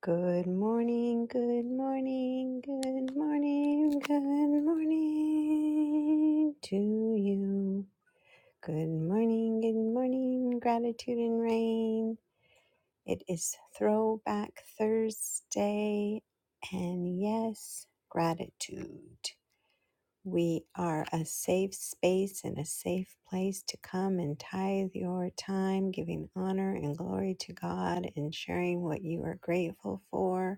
Good morning, good morning, good morning, good morning to you. Good morning, good morning, gratitude and rain. It is Throwback Thursday, and yes, gratitude. We are a safe space and a safe place to come and tithe your time, giving honor and glory to God and sharing what you are grateful for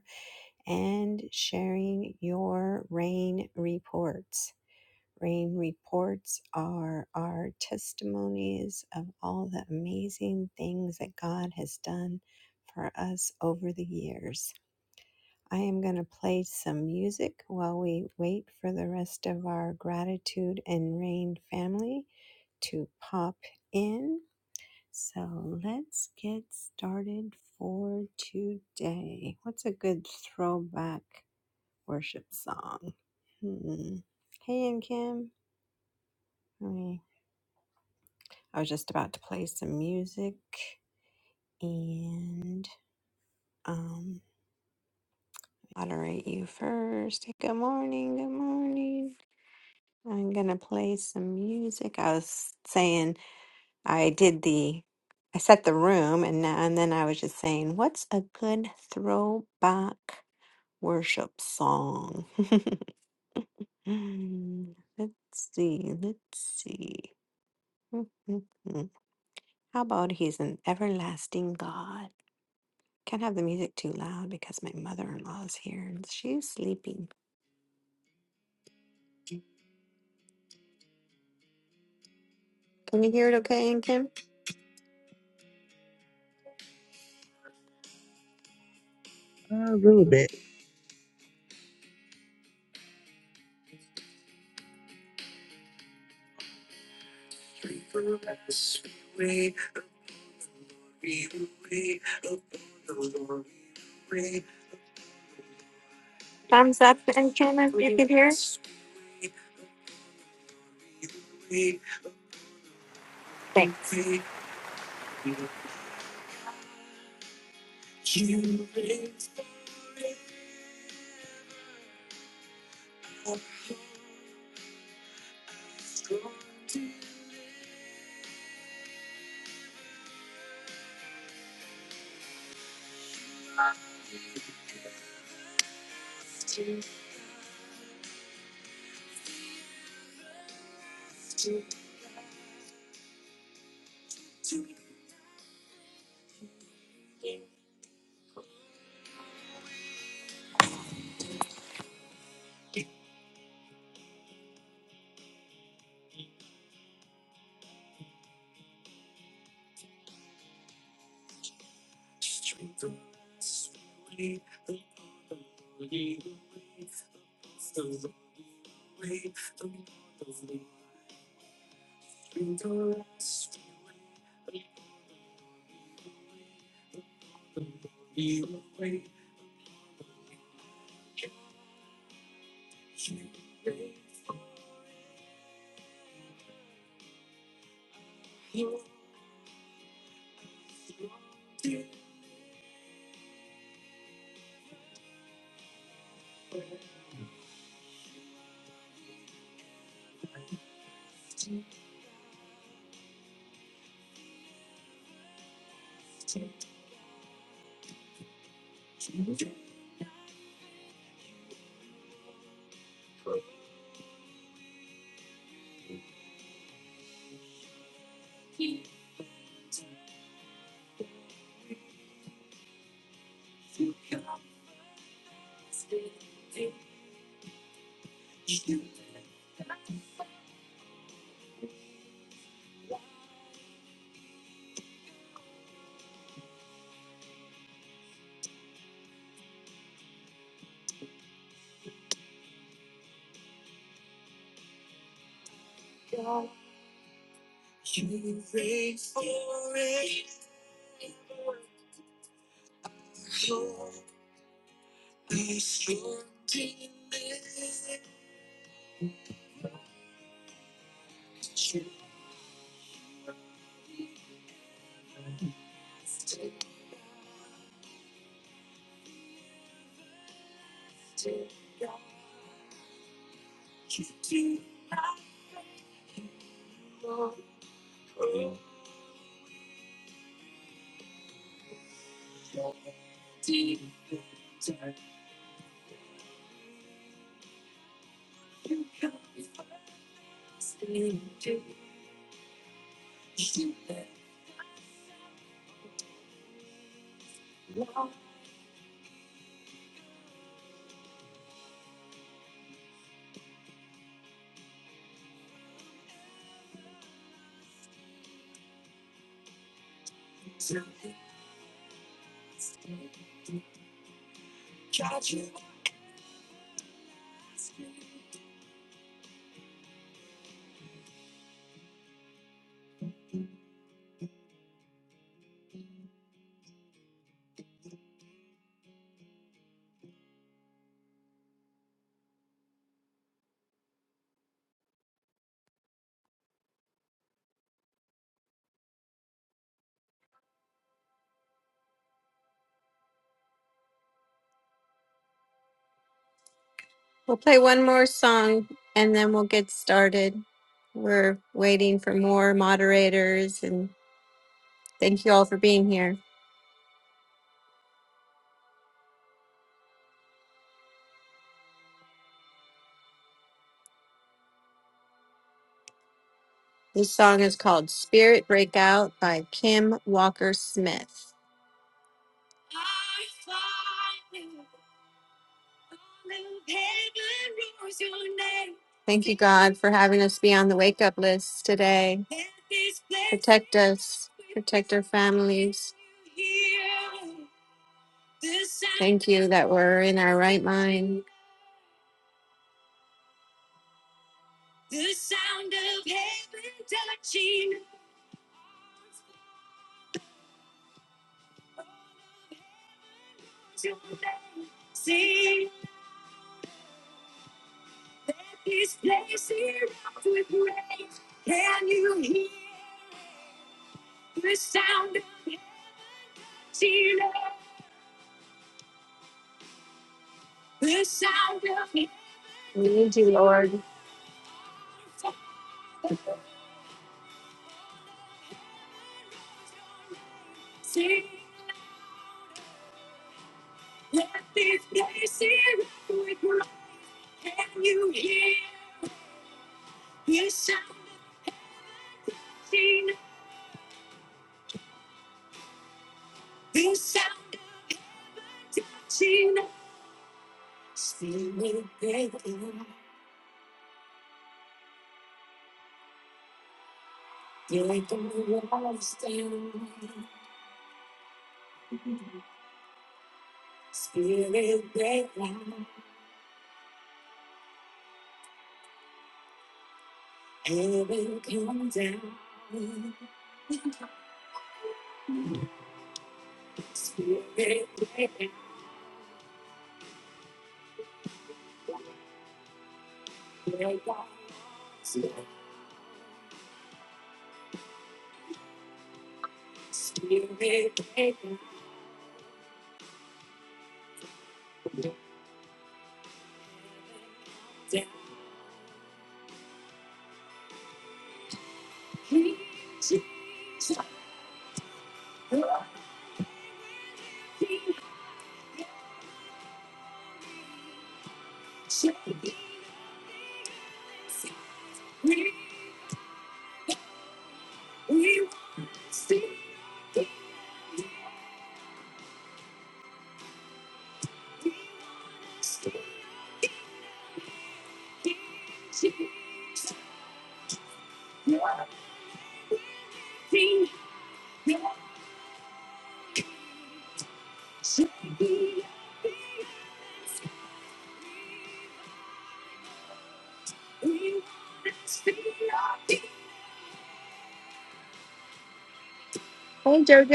and sharing your rain reports. Rain reports are our testimonies of all the amazing things that God has done for us over the years. I am going to play some music while we wait for the rest of our gratitude and rain family to pop in. So let's get started for today. What's a good throwback worship song. Hmm. Hey, and Kim. I, mean, I was just about to play some music and um, moderate you first. Hey, Good morning. Good morning. I'm gonna play some music. I was saying I did the, I set the room, and now, and then I was just saying, what's a good throwback worship song? let's see. Let's see. How about He's an everlasting God? Can't have the music too loud because my mother in law is here and she's sleeping. Can you hear it okay, and Kim? Uh, A little bit. Thumbs up, and Kim, I can hear everything. We'll play one more song and then we'll get started. We're waiting for more moderators and thank you all for being here. This song is called Spirit Breakout by Kim Walker Smith. Thank you, God, for having us be on the wake up list today. Protect us, protect our families. Thank you that we're in our right mind.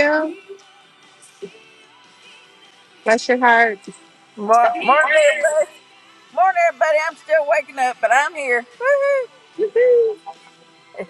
Yeah. Mor- Morning, everybody. Morning, everybody. I'm still waking up, but I'm here. Woohoo.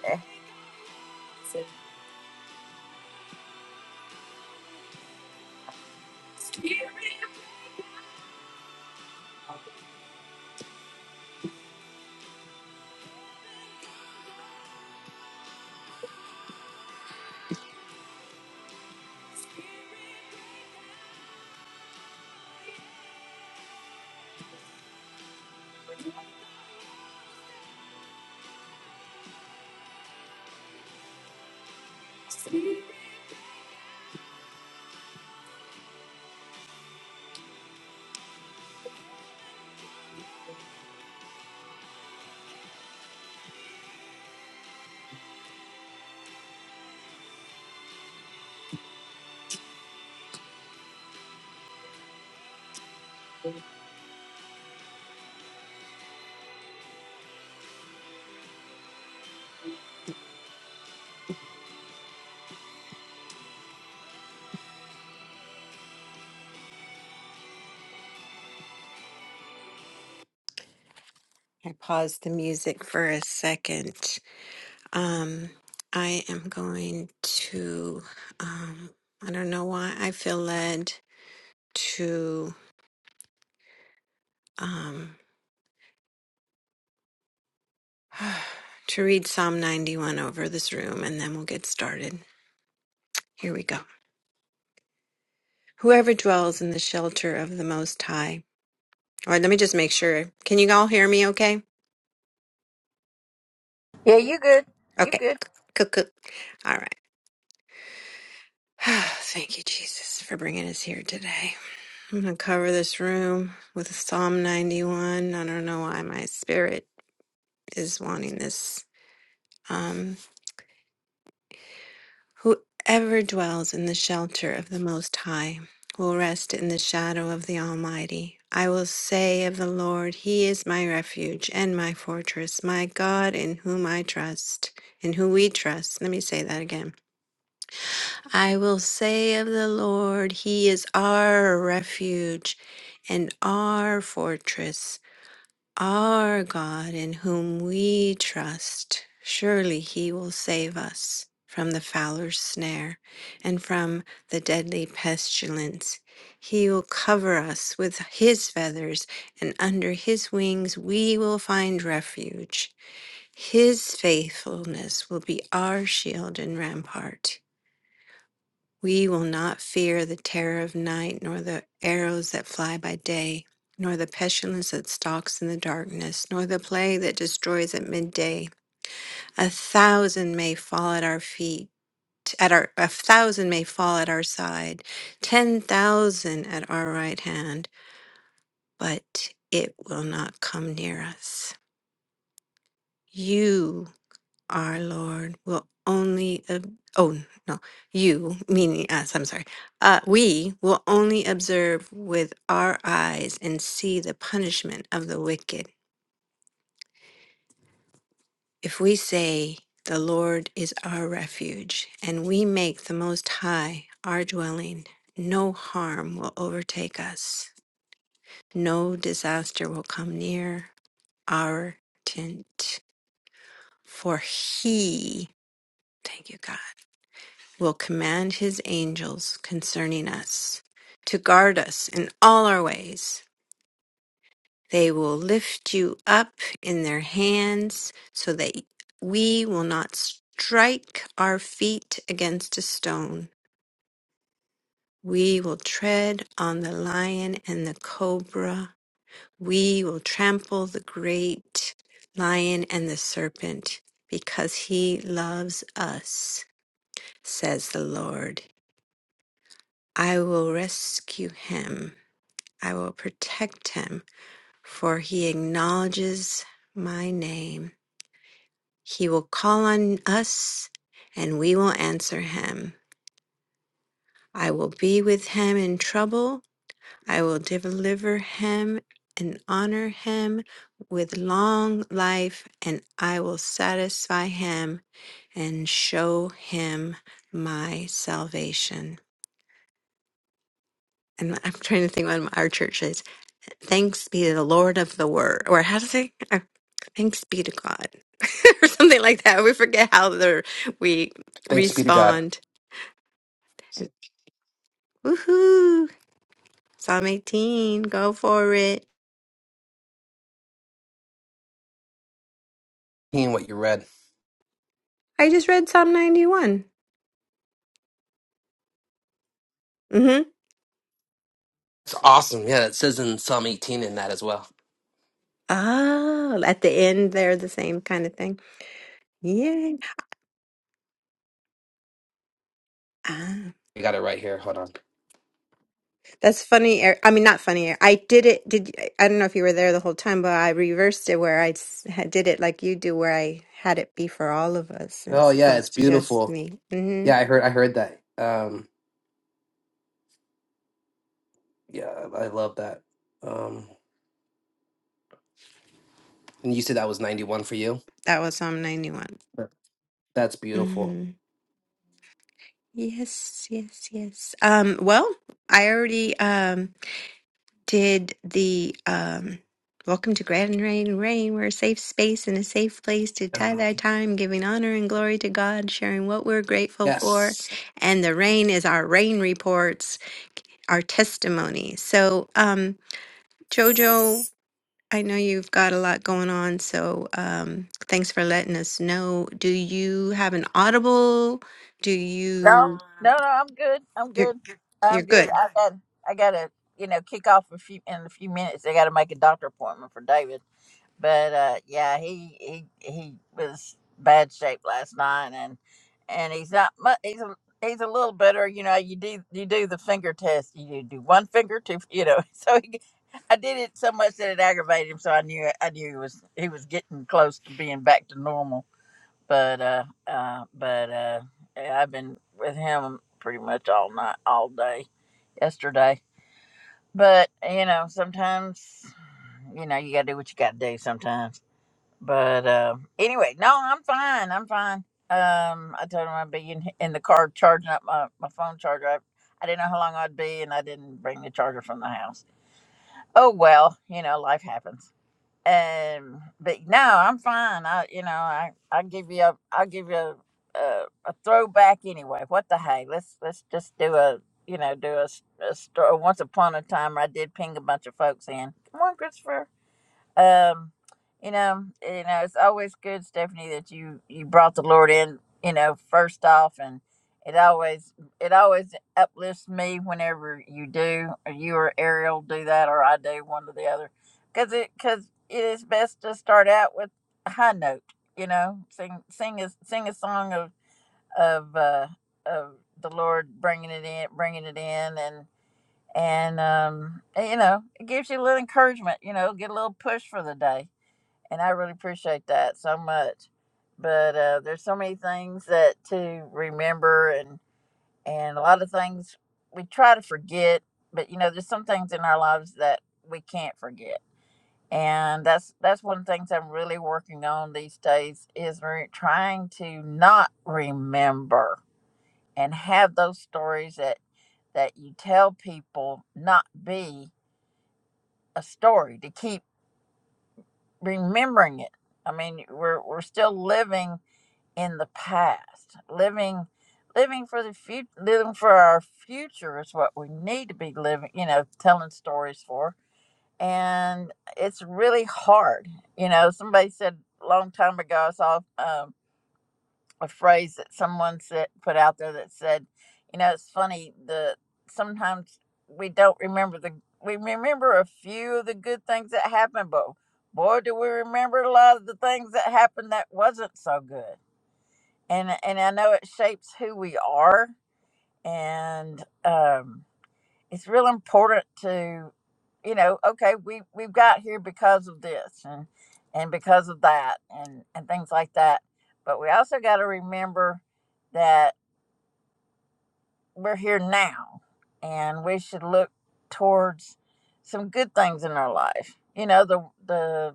I paused the music for a second. Um, I am going to, um, I don't know why I feel led to, um, to read Psalm 91 over this room and then we'll get started. Here we go. Whoever dwells in the shelter of the Most High. All right, let me just make sure. Can you all hear me okay? yeah, you good? You Okay. good? Cuckoo. All right. Thank you, Jesus, for bringing us here today. I'm going to cover this room with Psalm 91. I don't know why my spirit is wanting this. Um, Whoever dwells in the shelter of the Most High will rest in the shadow of the Almighty. I will say of the Lord, He is my refuge and my fortress, my God in whom I trust, in whom we trust. Let me say that again. I will say of the Lord, He is our refuge and our fortress, our God in whom we trust. Surely He will save us from the fowler's snare and from the deadly pestilence. He will cover us with His feathers, and under His wings we will find refuge. His faithfulness will be our shield and rampart. We will not fear the terror of night, nor the arrows that fly by day, nor the pestilence that stalks in the darkness, nor the plague that destroys at midday. A thousand may fall at our feet, at our a thousand may fall at our side, ten thousand at our right hand, but it will not come near us. You our Lord will only, ob- oh no, you, meaning us, I'm sorry, uh, we will only observe with our eyes and see the punishment of the wicked. If we say, The Lord is our refuge, and we make the Most High our dwelling, no harm will overtake us, no disaster will come near our tent, for He, thank you, God will command his angels concerning us to guard us in all our ways. They will lift you up in their hands so that we will not strike our feet against a stone. We will tread on the lion and the cobra. We will trample the great lion and the serpent because he loves us, says the Lord. I will rescue him. I will protect him, for he acknowledges my name. He will call on us, and we will answer him. I will be with him in trouble. I will deliver him and honor him with long life, and I will satisfy him and show him my salvation. And I'm trying to think what our church is. Thanks be to the Lord of the Word, or how to say, uh, thanks be to God, or something like that. We forget how the, we Thanks be to God. respond. Woohoo! Psalm 18, go for it. Seeing what you read. I just read Psalm 91. Mm-hmm. It's awesome. Yeah, it says in Psalm 18 in that as well. Oh, at the end, they're the same kind of thing. Yeah. I got it right here. Hold on. That's funny. Eric. I mean, not funny. Eric. I did it. Did I don't know if you were there the whole time, but I reversed it where I s- had- did it like you do, where I had it be for all of us Oh as yeah, it's opposed to just beautiful. me. hmm Yeah, I heard I heard that. Um yeah, I I love that. Um and you said that was 91 for you? That was Psalm 91 That- That's beautiful. Mm-hmm. Yes, yes, yes. Um. Well, I already. um. did the um welcome to gratitude rain rain we're a safe space and a safe place to tie Oh, thy time giving honor and glory to god sharing what we're grateful for Yes. and the rain is our rain reports our testimony so um jojo i know you've got a lot going on so um thanks for letting us know do you have an audible do No, you no, no. I'm good. I'm you're good. you're I'm good. good I got, I got to, you know, kick off a few in a few minutes. I got to make a doctor appointment for David. but uh, yeah, he he he was bad shape last night, and and he's not much. He's a he's a little bitter, You know, you do you do the finger test. You do one finger, two. You know, so he, I did it so much that it aggravated him. So I knew I knew he was he was getting close to being back to normal. But uh, uh but uh, yeah, I've been with him pretty much all night, all day yesterday. But you know, sometimes you know you gotta do what you gotta do sometimes but um, anyway, no, I'm fine. I'm fine. Um, I told him I'd be in, in the car charging up my, my phone charger. I, I didn't know how long I'd be, and I didn't bring the charger from the house. Oh well, you know, life happens. Um, but no, I'm fine. I, you know, I I give you a I'll give you a, a, a throwback anyway. What the hey? Let's let's just do a you know do a, s- a story. Once upon a time, where I did ping a bunch of folks in. Come on, Christopher um you know you know it's always good stephanie that you you brought the lord in you know first off and it always it always uplifts me whenever you do or you or ariel do that or i do one or the other because it because it is best to start out with a high note you know sing sing a sing a song of of uh of the lord bringing it in bringing it in and and um you know it gives you a little encouragement you know get a little push for the day and I really appreciate that so much. But uh, there's so many things that to remember, and and a lot of things we try to forget. But you know, there's some things in our lives that we can't forget, and that's that's one of the things I'm really working on these days is re- trying to not remember and have those stories that that you tell people not be a story to keep remembering it. I mean, we're we're still living in the past living living for the future living for our future is what we need to be living you know telling stories for and it's really hard you know somebody said a long time ago i saw um, a phrase that someone said put out there that said you know it's funny the sometimes we don't remember the we remember a few of the good things that happened but boy do we remember a lot of the things that happened that wasn't so good and and I know it shapes who we are, and um, it's real important to, you know, okay, we we've got here because of this and and because of that and and things like that, but we also got to remember that we're here now, and we should look towards some good things in our life. You know, the the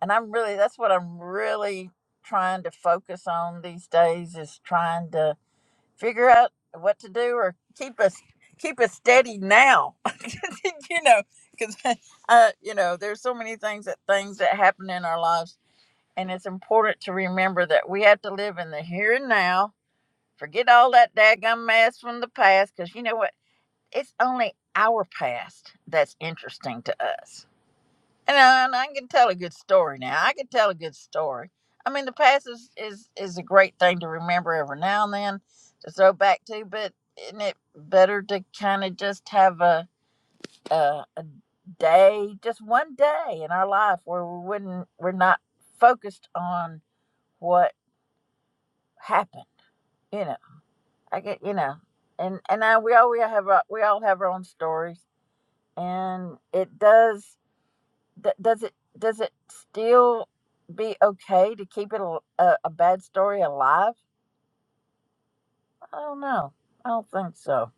and I'm really that's what I'm really trying to focus on these days is trying to figure out what to do or keep us keep us steady now you know because uh you know there's so many things that things that happen in our lives and it's important to remember that we have to live in the here and now forget all that daggum mess from the past because you know what it's only our past that's interesting to us and I, and I can tell a good story now. I can tell a good story. I mean, the past is, is, is a great thing to remember every now and then to throw back to, but isn't it better to kind of just have a, a, a day, just one day in our life where we wouldn't, we're not focused on what happened, you know, I get, you know, and, and I, we all, we have, our, we all have our own stories and it does d- does it does it still be okay to keep it al- a, a bad story alive? I don't know. I don't think so.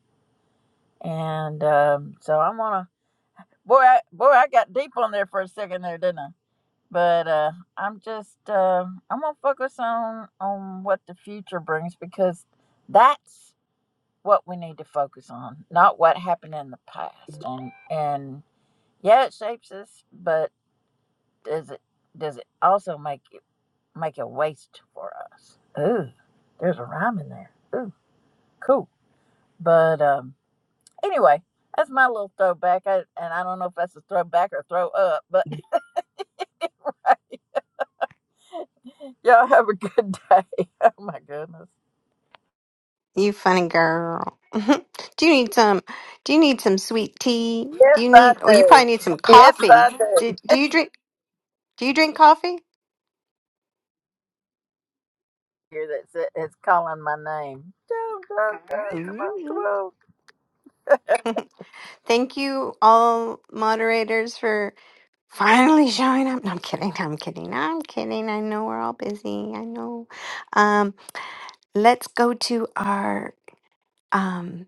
And um, so I want to. Boy, I, boy, I got deep on there for a second there, didn't I? But uh, I'm just uh, I'm gonna focus on on what the future brings because that's what we need to focus on, not what happened in the past. And and yeah, it shapes us, but does it does it also make make a waste for us. Ooh, there's a rhyme in there. Ooh, cool. But um, anyway, that's my little throwback. I, and I don't know if that's a throwback or throw up, but anyway, y'all have a good day. Oh my goodness. You funny girl. do you need some do you need some sweet tea? Yes, Do you I need or you probably do. need some Yes, coffee. I do. Do, do you drink do you drink coffee? Here that's it. it's calling my name. Go, go, go. Come on, come Ooh. on. Thank you all moderators for finally showing up. No, I'm kidding. I'm kidding. I'm kidding. I know we're all busy. I know. Um let's go to our um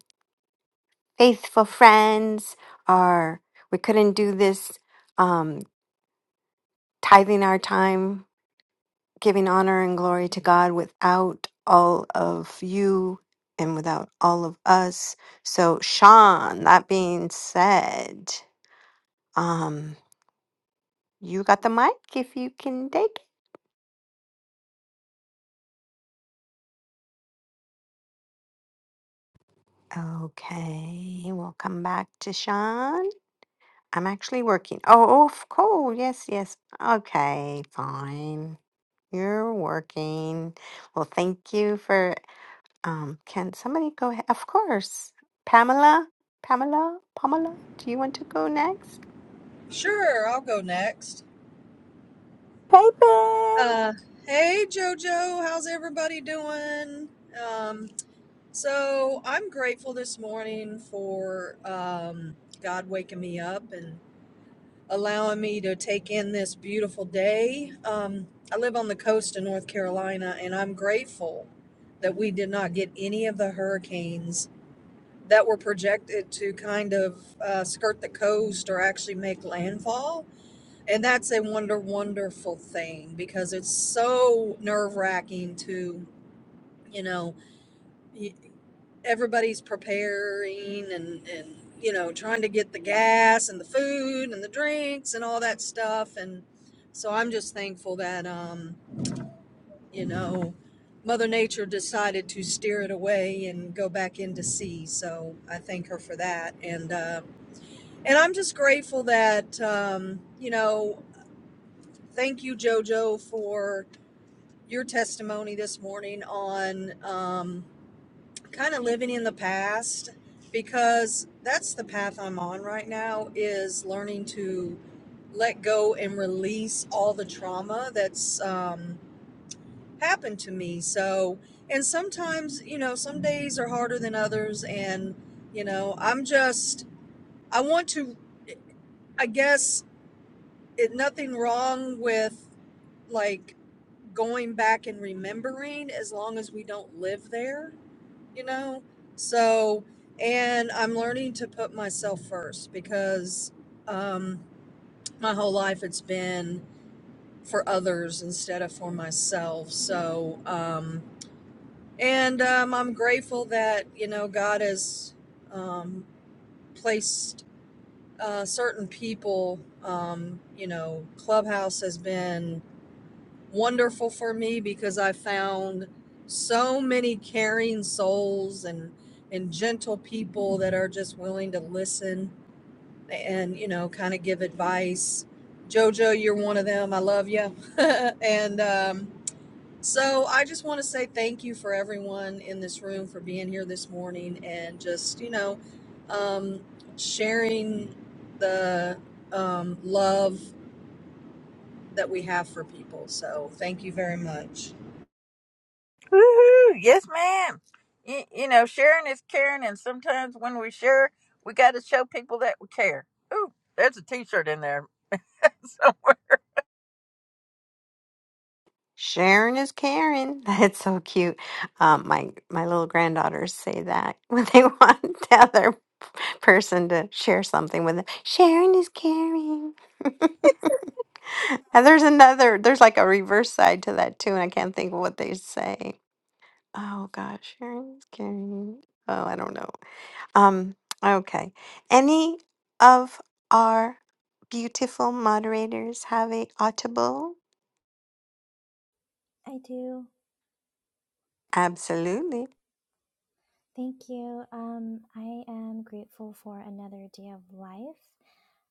faithful friends our we couldn't do this um tithing our time giving honor and glory to God without all of you and without all of us. So, Sean, that being said, um, you got the mic if you can take it. Okay, we'll come back to Sean. I'm actually working. Oh, oh, of course. Yes, yes. Okay, fine. You're working. Well, thank you for Um, can somebody go ahead? Of course. Pamela, Pamela, Pamela, do you want to go next? Sure, I'll go next. Hey, Pam. Uh, hey, JoJo, how's everybody doing? Um, so I'm grateful this morning for um, God waking me up and allowing me to take in this beautiful day. Um, I live on the coast of North Carolina, and I'm grateful that we did not get any of the hurricanes that were projected to kind of uh, skirt the coast or actually make landfall And that's a wonder wonderful thing because it's so nerve wracking to, you know, y- everybody's preparing and, and, you know, trying to get the gas and the food and the drinks and all that stuff. And so I'm just thankful that, um, you know, Mother Nature decided to steer it away and go back into sea. So I thank her for that. And, uh, and I'm just grateful that, um, you know, thank you, JoJo, for your testimony this morning on um, kind of living in the past because that's the path I'm on right now is learning to let go and release all the trauma that's um, happened to me. So, and sometimes, you know, some days are harder than others. And, you know, I'm just, I want to, I guess, it, nothing wrong with like going back and remembering as long as we don't live there, you know? So, and I'm learning to put myself first because um, my whole life it's been for others instead of for myself. So, um, and um, I'm grateful that, you know, God has um, placed uh, certain people, um, you know, Clubhouse has been wonderful for me because I found so many caring souls and and gentle people that are just willing to listen and you know kind of give advice. Jojo, you're one of them. I love you. and um, so I just want to say thank you for everyone in this room for being here this morning and just you know um, sharing the um, love that we have for people. So thank you very much. Woo-hoo. Yes, ma'am. You, you know, sharing is caring, and sometimes when we share, we got to show people that we care. Ooh, there's a T-shirt in there somewhere. Sharon is Karen. That's so cute. Um, my my little granddaughters say that when they want the other person to share something with them. Sharon is Karen. and there's another. There's like a reverse side to that too, and I can't think of what they say. Oh gosh, Sharon is Karen. Oh, I don't know. Um, okay. Any of our beautiful moderators have a audible? I do. Absolutely. Thank you. Um, I am grateful for another day of life.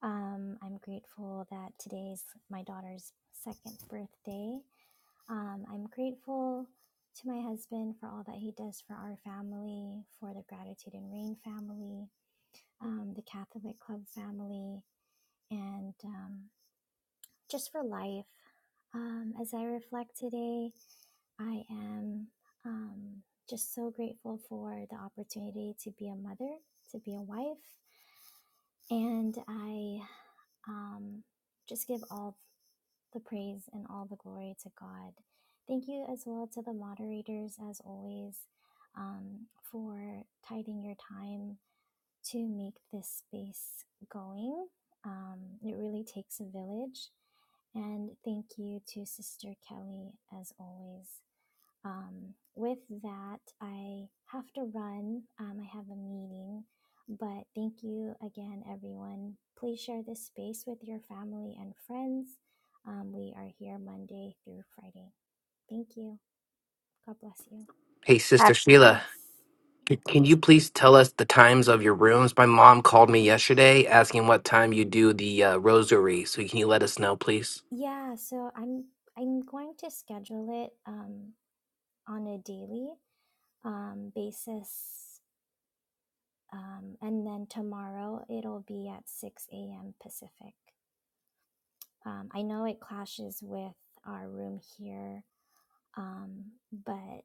Um, I'm grateful that today's my daughter's second birthday. Um, I'm grateful to my husband for all that he does for our family, for the Gratitude and Rain family, um, the Catholic Club family, and um, just for life. Um, as I reflect today, I am um, just so grateful for the opportunity to be a mother, to be a wife, and I um, just give all the praise and all the glory to God. Thank you as well to the moderators, as always, um, for tiding your time to make this space going. Um, it really takes a village. And thank you to Sister Kelly, as always. Um, with that, I have to run. Um, I have a meeting, but thank you again, everyone. Please share this space with your family and friends. Um, we are here Monday through Friday. Thank you. God bless you. Hey sister Hap- Sheila, Yes. c- can you please tell us the times of your rooms? My mom called me yesterday asking what time you do the uh, rosary. So can you let us know, please? Yeah, so I'm I'm going to schedule it um, on a daily um, basis, um, and then tomorrow it'll be at 6 a.m. Pacific. Um, I know it clashes with our room here, um, but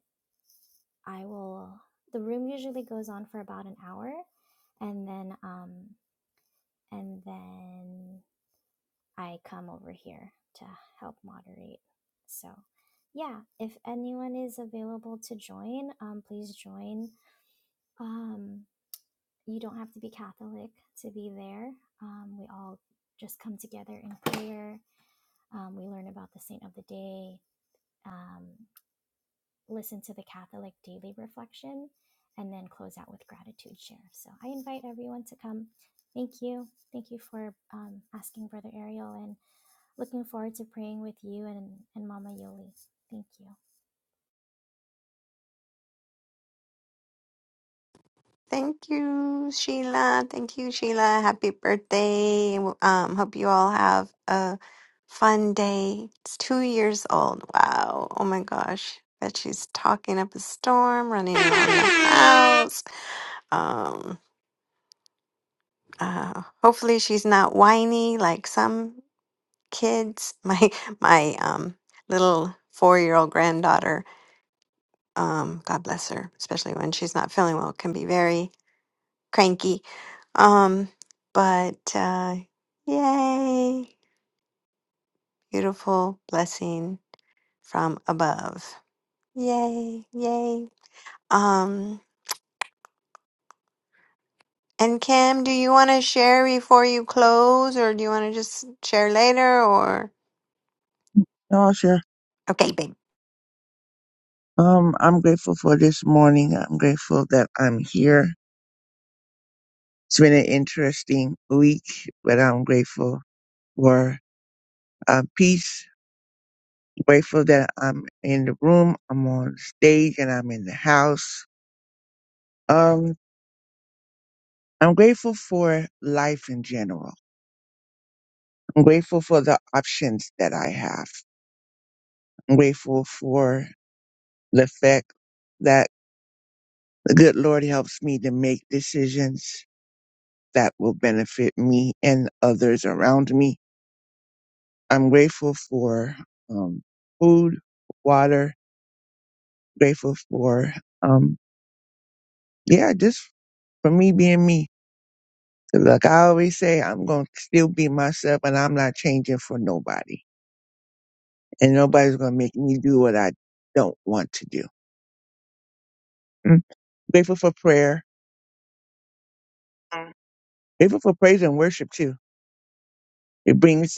I will. The room usually goes on for about an hour, and then um, and then I come over here to help moderate. So, yeah, if anyone is available to join, um, please join. Um, you don't have to be Catholic to be there. Um, we all just come together in prayer. Um, we learn about the saint of the day. Um, listen to the Catholic Daily Reflection, and then close out with gratitude share. So I invite everyone to come. Thank you. Thank you for um, asking, Brother Ariel, and looking forward to praying with you and, and Mama Yoli. Thank you. Thank you, Sheila. Thank you, Sheila. Happy birthday. Um, hope you all have a fun day. It's two years old. Wow. Oh my gosh. Bet she's talking up a storm, running around the house. Um, uh, hopefully she's not whiny like some. kids my my um little four-year-old granddaughter um god bless her especially when she's not feeling well can be very cranky um but uh yay beautiful blessing from above yay yay um and Kim, do you want to share before you close, or do you want to just share later, or No, sure. okay, babe? Um, I'm grateful for this morning. I'm grateful that I'm here. It's been an interesting week, but I'm grateful for uh, peace. Grateful that I'm in the room, I'm on stage, and I'm in the house. Um, I'm grateful for life in general. I'm grateful for the options that I have. I'm grateful for the fact that the good Lord helps me to make decisions that will benefit me and others around me. I'm grateful for um, food, water, grateful for, um, yeah, just for me being me. 'Cause Like I always say, I'm going to still be myself and I'm not changing for nobody. And nobody's going to make me do what I don't want to do. Mm. Grateful for prayer. Mm. Grateful for praise and worship too. It brings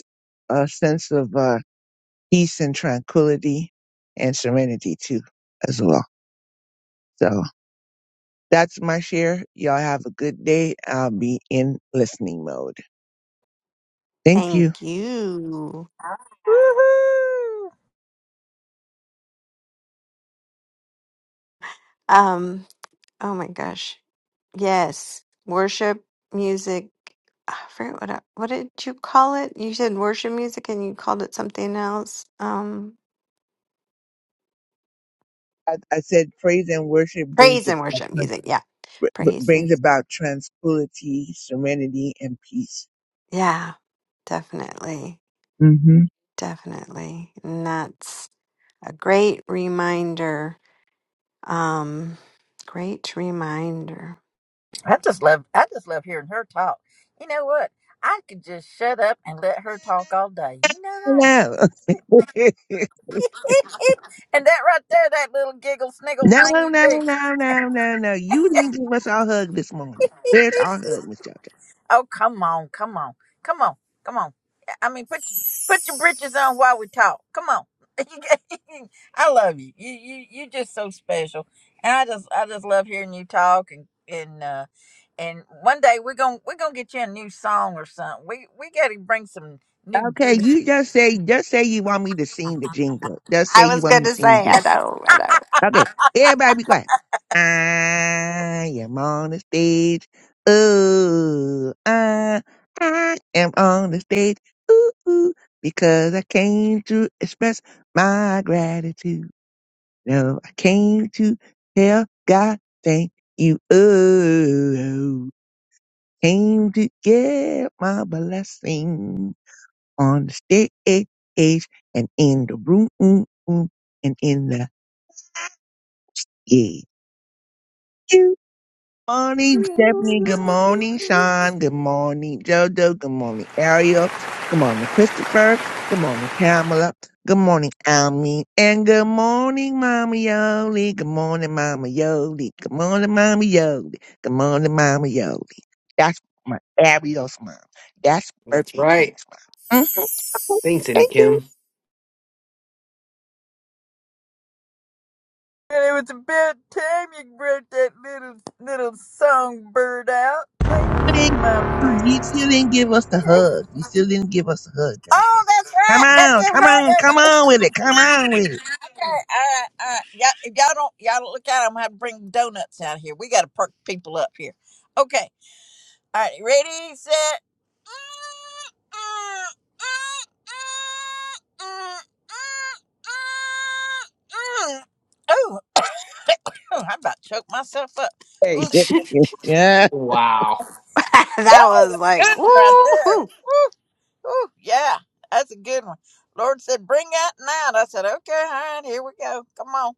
a sense of uh, peace and tranquility and serenity too as well. So. That's my share. Y'all have a good day. I'll be in listening mode. Thank you. Thank you. Woo hoo! Um, oh my gosh, Yes, worship music. I forget what I, what did you call it? You said worship music, and you called it something else. Um, I, I said praise and worship brings praise a, and worship music. Yeah, b- praise and brings about tranquility, serenity, and peace. yeah, definitely, Mm-hmm. definitely. And that's a great reminder. Um, great reminder. I just love, I just love hearing her talk. You know what? I could just shut up and let her talk all day. You know that? No, no, and that right there, that little giggle sniggle thing you no, do. no, no, no, no. You didn't give us our hug this morning. Where's our hug, Miss Jojo? Oh, come on, come on, come on, come on. I mean, put your, put your britches on while we talk. Come on. I love you. You you you just so special, and I just I just love hearing you talk and and uh, and one day we're gonna we're gonna get you a new song or something. We we gotta bring some new. Okay, Duty. you just say, just say you want me to sing the jingle. Just say I you was want me to gonna sing the say, jingle. I know, I know. Okay, everybody be quiet. I am on the stage. Ooh, I, I am on the stage. Ooh, ooh, because I came to express my gratitude. No, I came to tell God thank you. Ooh, came to get my blessing on the stage and in the room and in the yeah. morning, Stephanie. Good morning, Sean. Good morning, Jojo. Good morning, Ariel. Good morning, Christopher. Good morning, Pamela. Good morning, Almeen. And good morning, Mama Yoli. Good morning, Mama Yoli. Good morning, Mama Yoli. Good morning, Mama Yoli. That's my Ariel's mom. That's That's birthday right. twins mom. hmm Thanks, and Thank you. Kim. And it was about time you brought that little little songbird out. Thank you, didn't, my you friend. still didn't give us the hug. You still didn't give us a hug, Oh, goddamn. that's Come right. Gotta on, give come her on, come everybody. on with it. Come okay on with it. alright you all right, all right. Y'all, if y'all don't, y'all don't look out. I'm gonna have to bring donuts out here. We gotta perk people up here. Okay, all right. Ready, set. Oh, I about choked myself up. Hey, Ooh, that yeah. Wow. that was was a good like, one right there. woo Oh yeah, that's a good one. Lord said, bring that night. I said, okay, all right, here we go. Come on.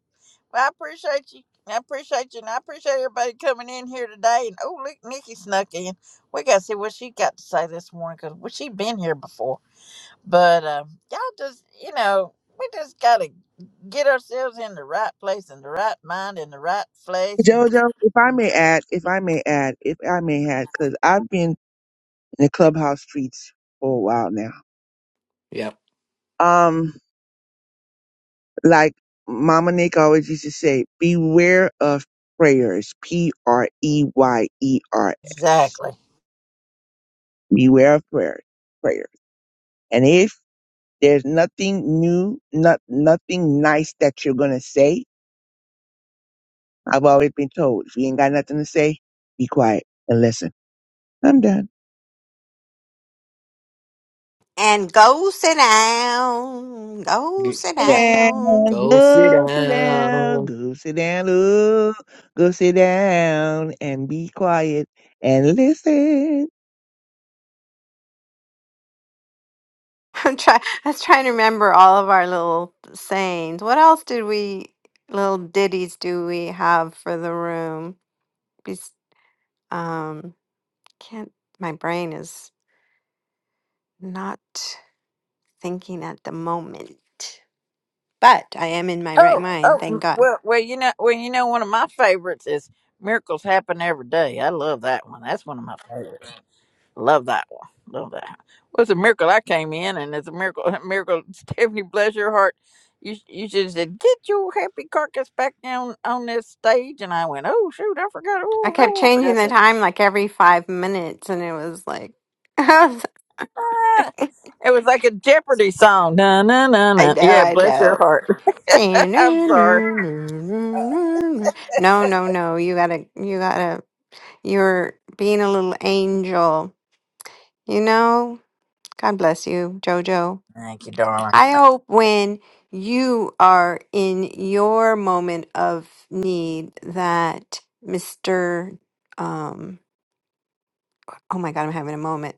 Well, I appreciate you. I appreciate you, and I appreciate everybody coming in here today. And oh, look, Nikki snuck in. We got to see what she got to say this morning because well, she been here before. But um, y'all just, you know, we just got to get ourselves in the right place, in the right mind, in the right place. And Jojo, if I may add, if I may add, if I may add, because I've been in the clubhouse streets for a while now. Yep. Um, like Mama Nick always used to say, beware of prayers. P R E Y E R S. exactly. Beware of prayers. Prayers. And if. There's nothing new, not nothing nice that you're gonna say. I've always been told if you ain't got nothing to say, be quiet and listen. I'm done. And go sit down, go G- sit Sit Yeah. down, down. Go sit go sit down, down. go sit down, ooh, go sit down and be quiet and listen. I'm try. I was trying to remember all of our little sayings. What else did we little ditties do we have for the room? Bes- Um, can't. My brain is not thinking at the moment, but I am in my right Oh, mind. Thank oh, God. well, well, you know, well, you know, one of my favorites is "Miracles Happen Every Day." I love that one. That's one of my favorites. Love that one. Love that. Well, it's a miracle I came in, and it's a miracle. A miracle, Stephanie, bless your heart. You you should have said, "Get your happy carcass back down on this stage," and I went, "Oh shoot, I forgot. I Oh kept no, I changing forgot the that." time like every five minutes, and it was like, I was- Ah. It was like a Jeopardy song. Na na na I na. know, Yeah, I bless your know. heart. No, I'm no, sorry. no, no, no, no. No, no, no. You gotta, you gotta. You're being a little angel, you know? God bless you, Jojo. Thank you, darling. I hope when you are in your moment of need that Mr. Um, oh my God, I'm having a moment.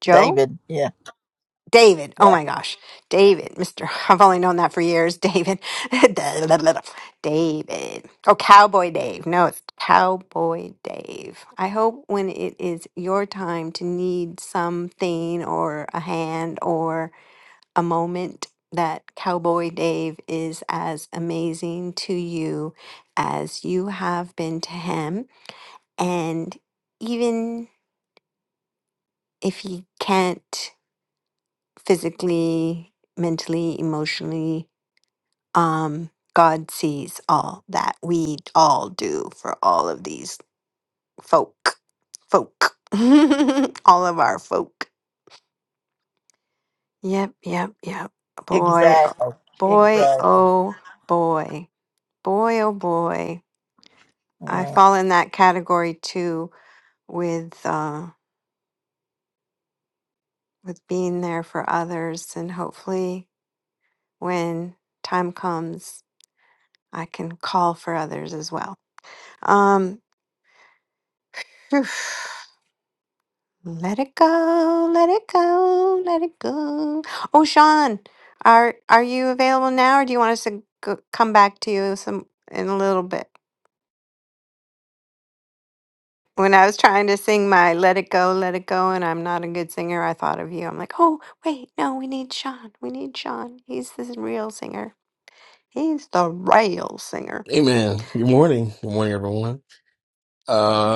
Joe? David. Yeah. David, Yeah. oh my gosh, David, Mr. I've only known that for years, David. David. Oh, Cowboy Dave. No, it's Cowboy Dave. I hope when it is your time to need something or a hand or a moment that Cowboy Dave is as amazing to you as you have been to him. And even if you can't physically, mentally, emotionally. Um, God sees all that we all do for all of these folk. Folk. all of our folk. Yep, yep, yep. Boy, Exactly. oh- boy, Exactly. oh boy. Boy, oh boy. I Yeah. fall in that category too with uh with being there for others and hopefully when time comes I can call for others as well. Um, phew. let it go, let it go, let it go. Oh, Sean, are are you available now, or do you want us to go, come back to you some in a little bit? When I was trying to sing my "Let It Go, Let It Go," and I'm not a good singer, I thought of you. I'm like, oh wait, no, we need Sean. We need Sean. He's the real singer. He's the real singer. Hey man, good morning. Good morning, everyone.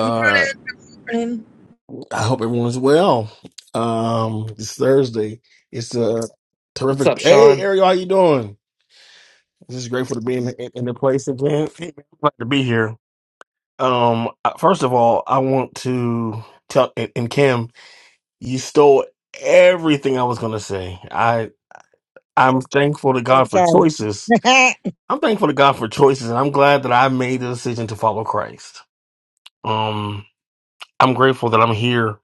Good morning. Good morning. I hope everyone's well. Um, it's Thursday. It's a What's terrific. up, Hey, Sean? Ariel, how you doing? Just grateful to be in in, in the place again. Hey, man, I'm Glad to be here. Um, uh, first of all, I want to tell and, and Kim, you stole everything I was going to say. I I'm thankful to Uh, God for Sorry. choices. Can I'm thankful to God for choices, and I'm glad that I made the decision to follow Christ. Um, I'm grateful that I'm here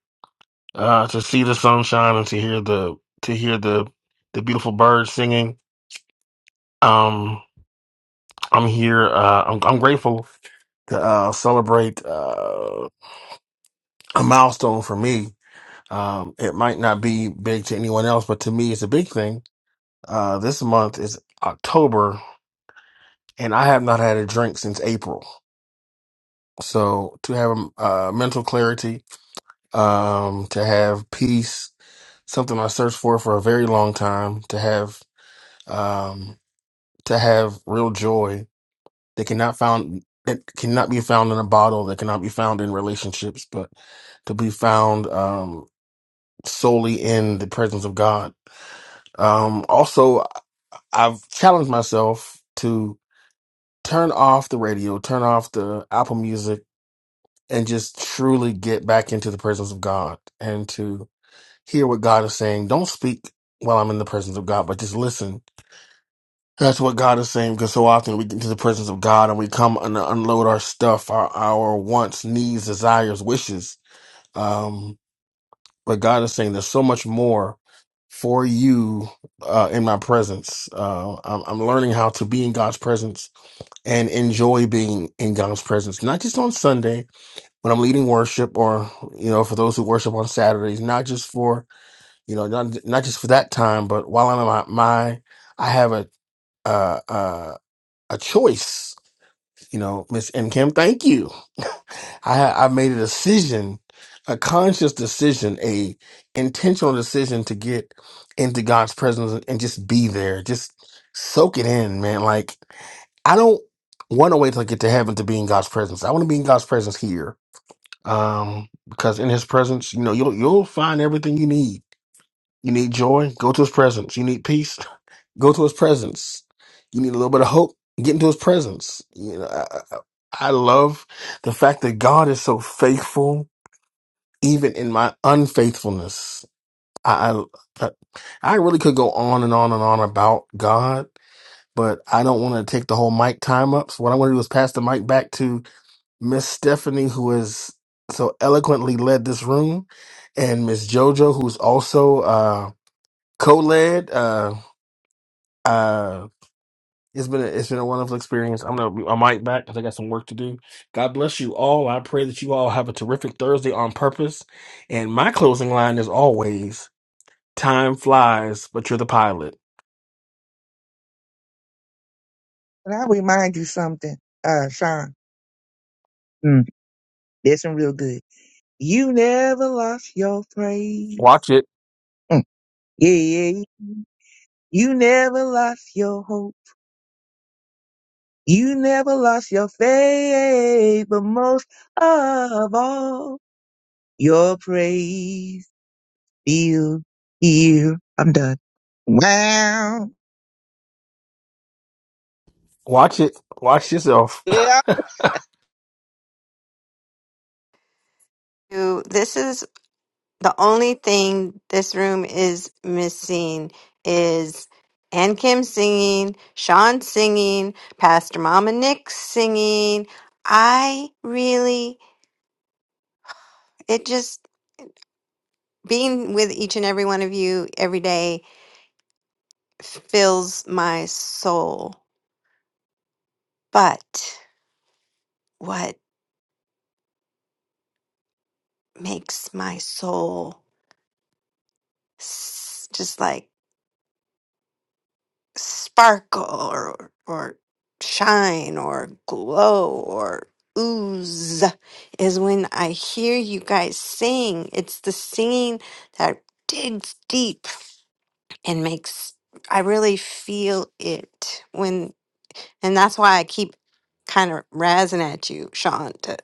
uh, to see the sunshine and to hear the to hear the the beautiful birds singing. Um, I'm here. Uh, I'm, I'm grateful to uh, celebrate uh, a milestone for me. Um, it might not be big to anyone else, but to me, it's a big thing. Uh, this month is October, and I have not had a drink since April. So to have um, uh, mental clarity, um, to have peace, something I searched for for a very long time, to have. Um, to have real joy that cannot found that cannot be found in a bottle, that cannot be found in relationships, but could be found um, solely in the presence of God. Um, also, I've challenged myself to turn off the radio, turn off the Apple Music, and just truly get back into the presence of God and to hear what God is saying. Don't speak while I'm in the presence of God, but just listen That's what God is saying because so often we get into the presence of God and we come and unload our stuff, our, our wants, needs, desires, wishes. Um, but God is saying there's so much more for you uh, in my presence. Uh, I'm, I'm learning how to be in God's presence and enjoy being in God's presence, not just on Sunday when I'm leading worship or, you know, for those who worship on Saturdays, not just for, you know, not, not just for that time, but while I'm at my, my I have a, uh, uh, a choice, you know, Miss M Kim. Thank you. I I made a decision, a conscious decision, a intentional decision to get into God's presence and just be there, just soak it in, man. Like I don't want to wait till I get to heaven to be in God's presence. I want to be in God's presence here, um, because in His presence, you know, you'll you'll find everything you need. You need joy, go to His presence. You need peace, Go to his presence. You need a little bit of hope. Get into his presence. You know, I, I, I love the fact that God is so faithful, even in my unfaithfulness. I, I, I really could go on and on and on about God, but I don't want to take the whole mic time up. So what I want to do is pass the mic back to Miss Stephanie, who has so eloquently led this room, and Miss JoJo, who's also uh, co-led. Uh, uh, It's been a, it's been a wonderful experience. I'm gonna I mic back because I got some work to do. God bless you all. I pray that you all have a terrific Thursday on purpose. And my closing line is always: time flies, but you're the pilot. I remind you something, uh, Sean? Mm, this one real good. You never lost your praise. Watch it, Mm, yeah, yeah. You never lost your hope. You never lost your faith, but most of all, your praise filled here. I'm done. Wow. watch it, watch yourself. Yeah, you- This is the only thing this room is missing is Ann Kim singing, Sean singing, Pastor Mama Nick singing. I really, it just being with each and every one of you every day fills my soul. But what makes my soul s- just like sparkle or, or shine or glow or ooze is when I hear you guys sing. It's the singing that digs deep and makes, I really feel it when, and that's why I keep kind of razzing at you, Sean, to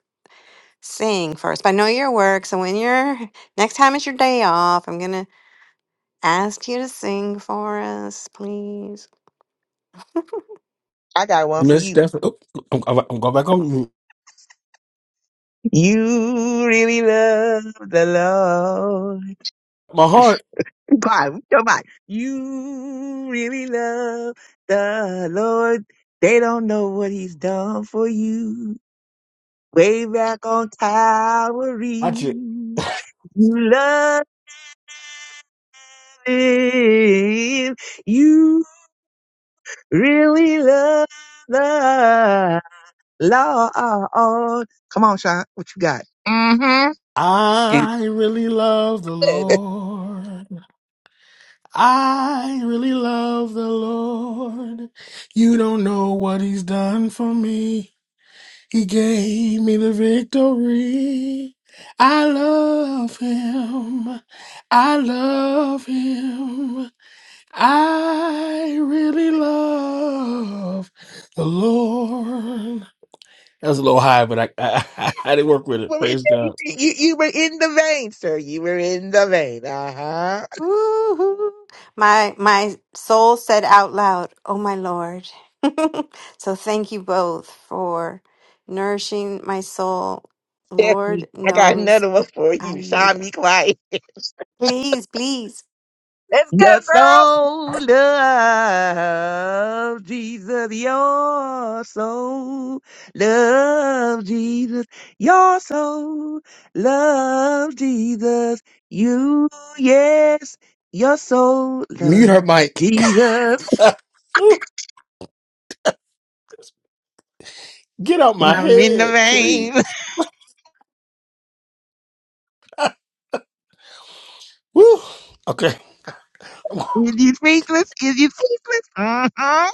sing first. But I know your work. So when you're, next time it's your day off, I'm going to asked you to sing for us, please. I got one for Miss you. Stephanie, oop, I'm, I'm, I'm going back on mute. You really love the Lord. my heart. God, come on. You really love the Lord. They don't know what he's done for you. Way back on Calvary. Watch it. You love. If You really love the Lord. Come on, Sean. What you got? Mm-hmm. In- I really love the Lord. I really love the Lord. You don't know what He's done for me. He gave me the victory. I love him. I love him. I really love the Lord. That was a little high, but I I, I, didn't work with it. You were, in, Praise God. you, you were in the vein, sir. You were in the vein. Uh huh. Woo-hoo. My my soul said out loud, "Oh my Lord." so thank you both for nourishing my soul. Stephanie, Lord I got knows another one for I you. need Sean, it. be quiet. Please, please. Let's go, You're girls. so loved, Jesus. You're so loved, Jesus. You're so loved, Jesus. You, yes, you're so Mute her loved, mic. Jesus. Woo, Get out my I'm in the head, please. vein. Woo. Okay. Is you speechless? Is you speechless? Uh-huh.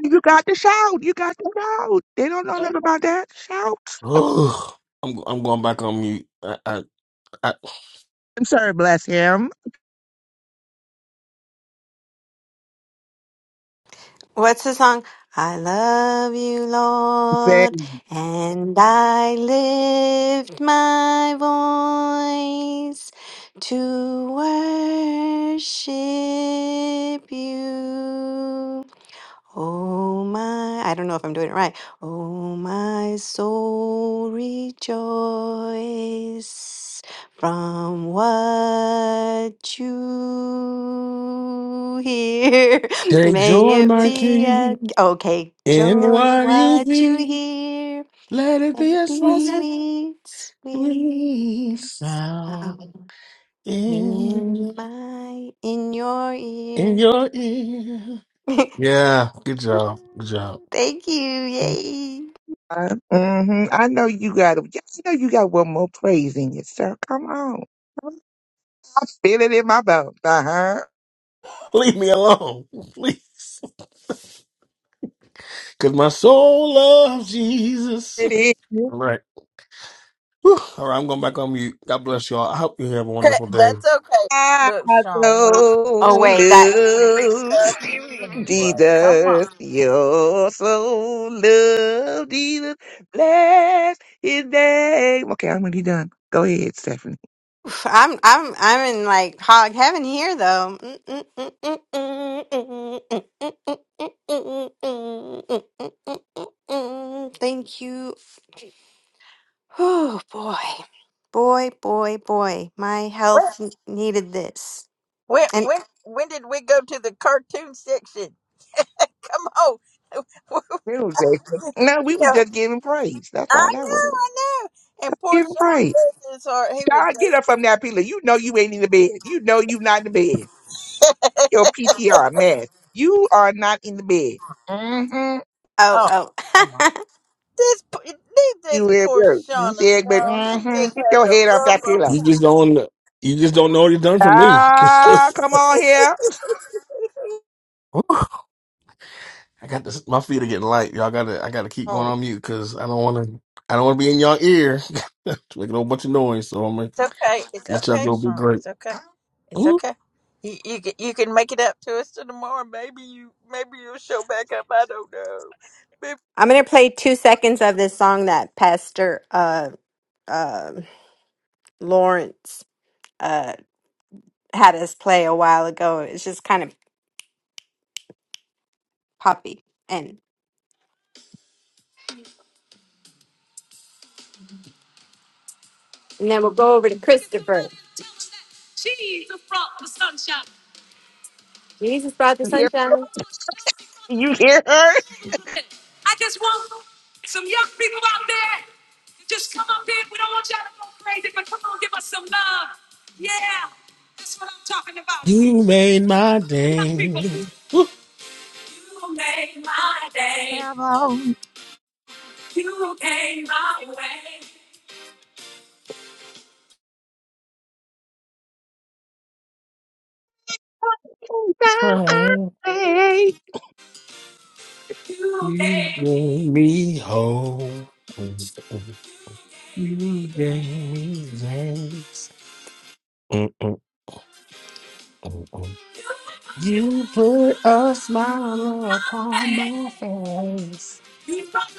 You got to shout. You got to shout. They don't know nothing about that. Shout. Woo. I'm I'm going back on mute. I, I, I, I'm sorry, bless him. What's the song? I love you, Lord, and I lift my voice to worship you. Oh my, I don't know if I'm doing it right. Oh my soul, rejoice from what you hear. take May joy, it my be a king. okay And joy, what you what you think, hear. let it May be it a be a sweet, sweet, sweet sweet sound sound in, in my, in your in ear. your ear. Yeah, good job. Good job. Thank you, yay. hmm I know you got it. Yes, I know you got one more praise in you, sir. Come on. I feel it in my bones. Uh-huh. Leave me alone, please. Because my soul loves Jesus. It is. All right. Whew. All right, I'm going back on mute. God bless y'all. I hope you have a wonderful day. That's okay. I Look, Sean, we, Oh so wait, that we love love you anyway. Come Jesus. on. You're so love Jesus. Bless his name. Okay, I'm already done. Go ahead, Stephanie. oof, I'm I'm I'm in like hog heaven here though. Thank you. Oh boy, boy, boy, boy. My When, health n- needed this. when, And when, when did we go to the cartoon section? Come on. you No, Jason. No, we were know, just giving praise. That's all I that was. know, I know. And poor Giving Sean praise. bless his heart. He was God, get just, up from that pillow. You know you ain't in the bed. You know you not in the bed. your PTR mask. You are not in the bed. Mm-hmm. oh, oh come on. oh, This, p- leave this You at poor work. You Sean said, but alone. He mm-hmm. just get having your a head off rough that old pillow. You time. just don't, you just don't know what you've done for me. It's Ah, 'Cause come on here. listen. I got this. My feet are getting light. Y'all gotta. I gotta keep going Oh, on mute because I don't want to. I don't want to be in y'all ear, making a whole bunch of noise. So I'm gonna okay. It's let y'all okay, go. Be Sean. great. It's okay. It's Ooh, okay. You you can you can make it up to us to tomorrow. Maybe you maybe you'll show back up. I don't know. Maybe- I'm gonna play two seconds of this song that Pastor uh uh Lawrence uh had us play a while ago. It's just kind of poppy and Christopher. you hear? You hear her? you made my day. Ooh, Come on. Come on. crying. Hey. you made me whole. You gave me thanks. Mm, mm, mm, mm. You put a smile upon my face.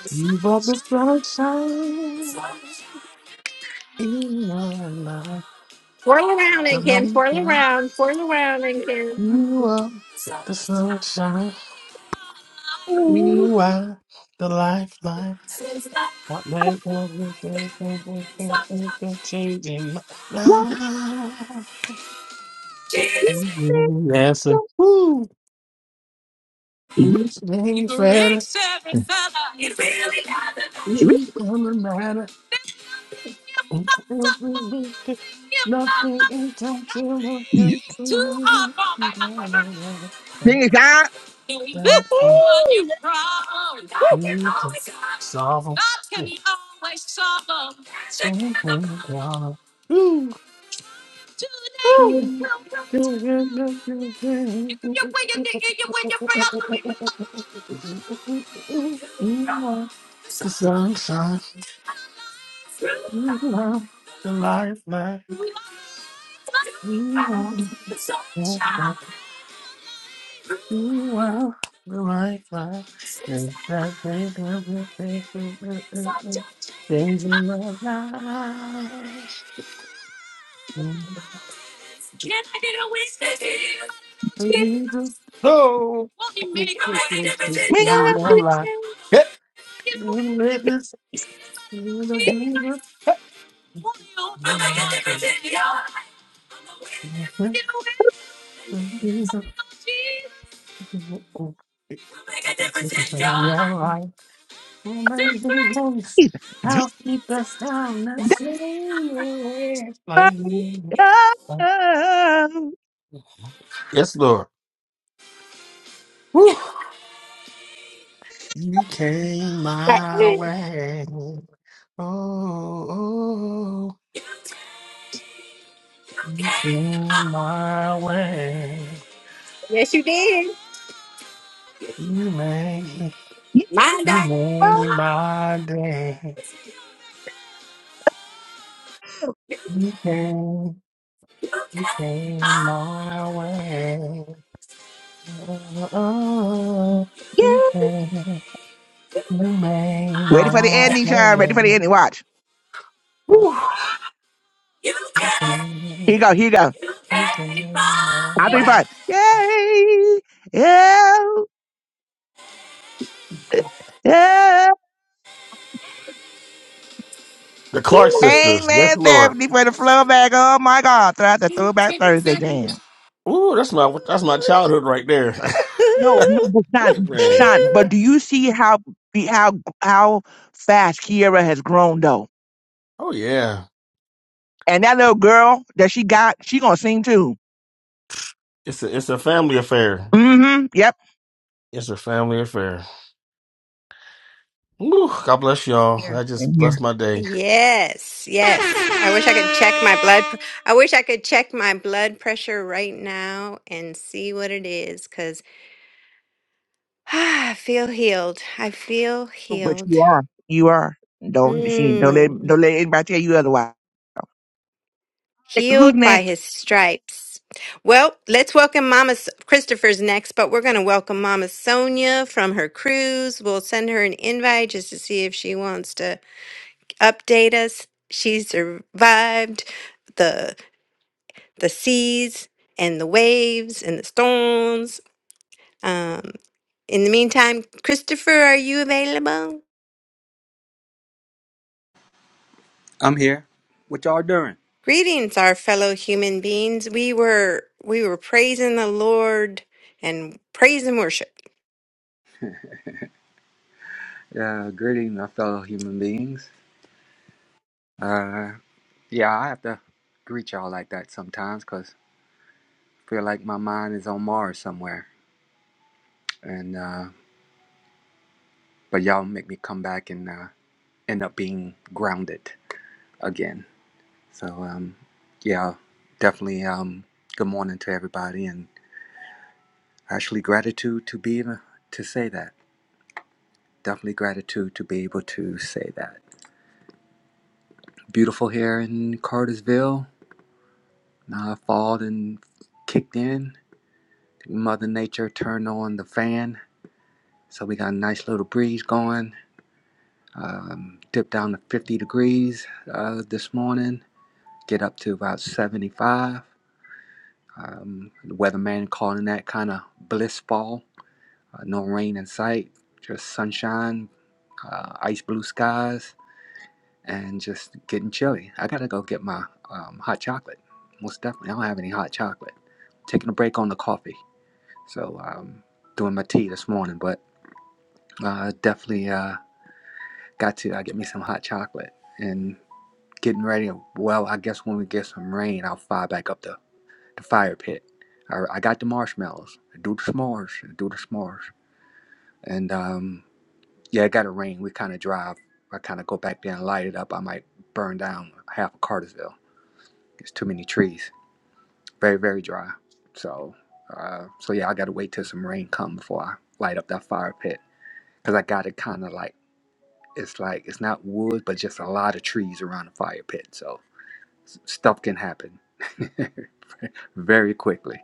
You brought the sunshine. You are my, Twirl around, the Ken. Twirl lifeline. around. Twirl around, Ken. You are the sunshine. Ooh, You are the lifeline. Not let everything, everything, everything change in my don't life. you let You answer, a go. woo. Each day better. Each other matter. Everything, nothing impossible. Sing it out. Savo. The sunshine, you are the lifeline, you are yes, that you are the lifeline. There's that thing that we think, things in my life. Jesus, so you We gonna don't be lie. singing Hey, you witness, you know Jesus. Hey. Jesus, you're right. Amazing grace, how deep the sound that saved my about life. Oh, oh, oh. Yes, Lord. Woo. You came my Hey, way. Oh, oh, oh. In my way, Yes, you did. you made, you you made won't my day. You came, you came my way. Oh, get- you came, you made Ready for the my ending, child. Ready for the way. ending. Watch. Whew. You can. Here you go. Here you go. You came my I'll be way. fine. Yay! Yeah! Yeah! The Clark sisters. Amen, Yes, Lord. Stephanie. for the flow back. Oh my God, throughout the Throwback Thursday jam. Ooh, that's my that's my childhood right there. No, no, but Sean, Amen. Sean, but do you see how be- how how fast Kiera has grown though? Oh yeah. And that little girl that she got, she gonna sing too. It's a it's a family affair. Mm-hmm. Yep. It's a family affair. Whew, God bless y'all. Here That and just here. blessed my day. Yes, yes. I wish I could check my blood. pr- I wish I could check my blood pressure right now and see what it is, cause I feel healed. I feel But healed. you are, you are. Don't she, don't let Mm. don't let anybody tell you otherwise. Who's healed by next? his stripes. Well, let's welcome Mama S- Christopher's next, but we're going to welcome Mama Sonia from her cruise. We'll send her an invite just to see if she wants to update us. She survived the the seas and the waves and the storms. Um, in the meantime, Christopher, are you available? I'm here. What y'all doing? Greetings, our fellow human beings. We were we were praising the Lord and praise and worship. Uh, greeting my fellow human beings. Uh, yeah, I have to greet y'all like that sometimes because I feel like my mind is on Mars somewhere. And uh, but y'all make me come back and uh, end up being grounded again. So um, yeah, definitely. Um, good morning to everybody, and actually gratitude to be able to say that. Definitely gratitude to be able to say that. Beautiful here in Cartersville And I thawed and kicked in. Mother Nature turned on the fan, so we got a nice little breeze going. Um, dipped down to 50 degrees uh, this morning, get up to about 75. Um, the weatherman calling that kind of bliss fall. Uh, no rain in sight, just sunshine, uh, ice blue skies, and just getting chilly. I gotta go get my um, hot chocolate. Most definitely, I don't have any hot chocolate. Taking a break on the coffee. So um, doing my tea this morning, but uh, definitely uh, got to uh, get me some hot chocolate and getting ready. Well, I guess when we get some rain, I'll fire back up the, the fire pit. I, I got the marshmallows. I do the s'mores. I do the s'mores. And um, yeah, it got to rain. We kind of drive. I kind of go back there and light it up. I might burn down half of Cartersville. It's too many trees. Very very dry. So uh, so yeah, I got to wait till some rain come before I light up that fire pit because I got it kind of like It's like it's not wood, but just a lot of trees around the fire pit. So s- stuff can happen very quickly.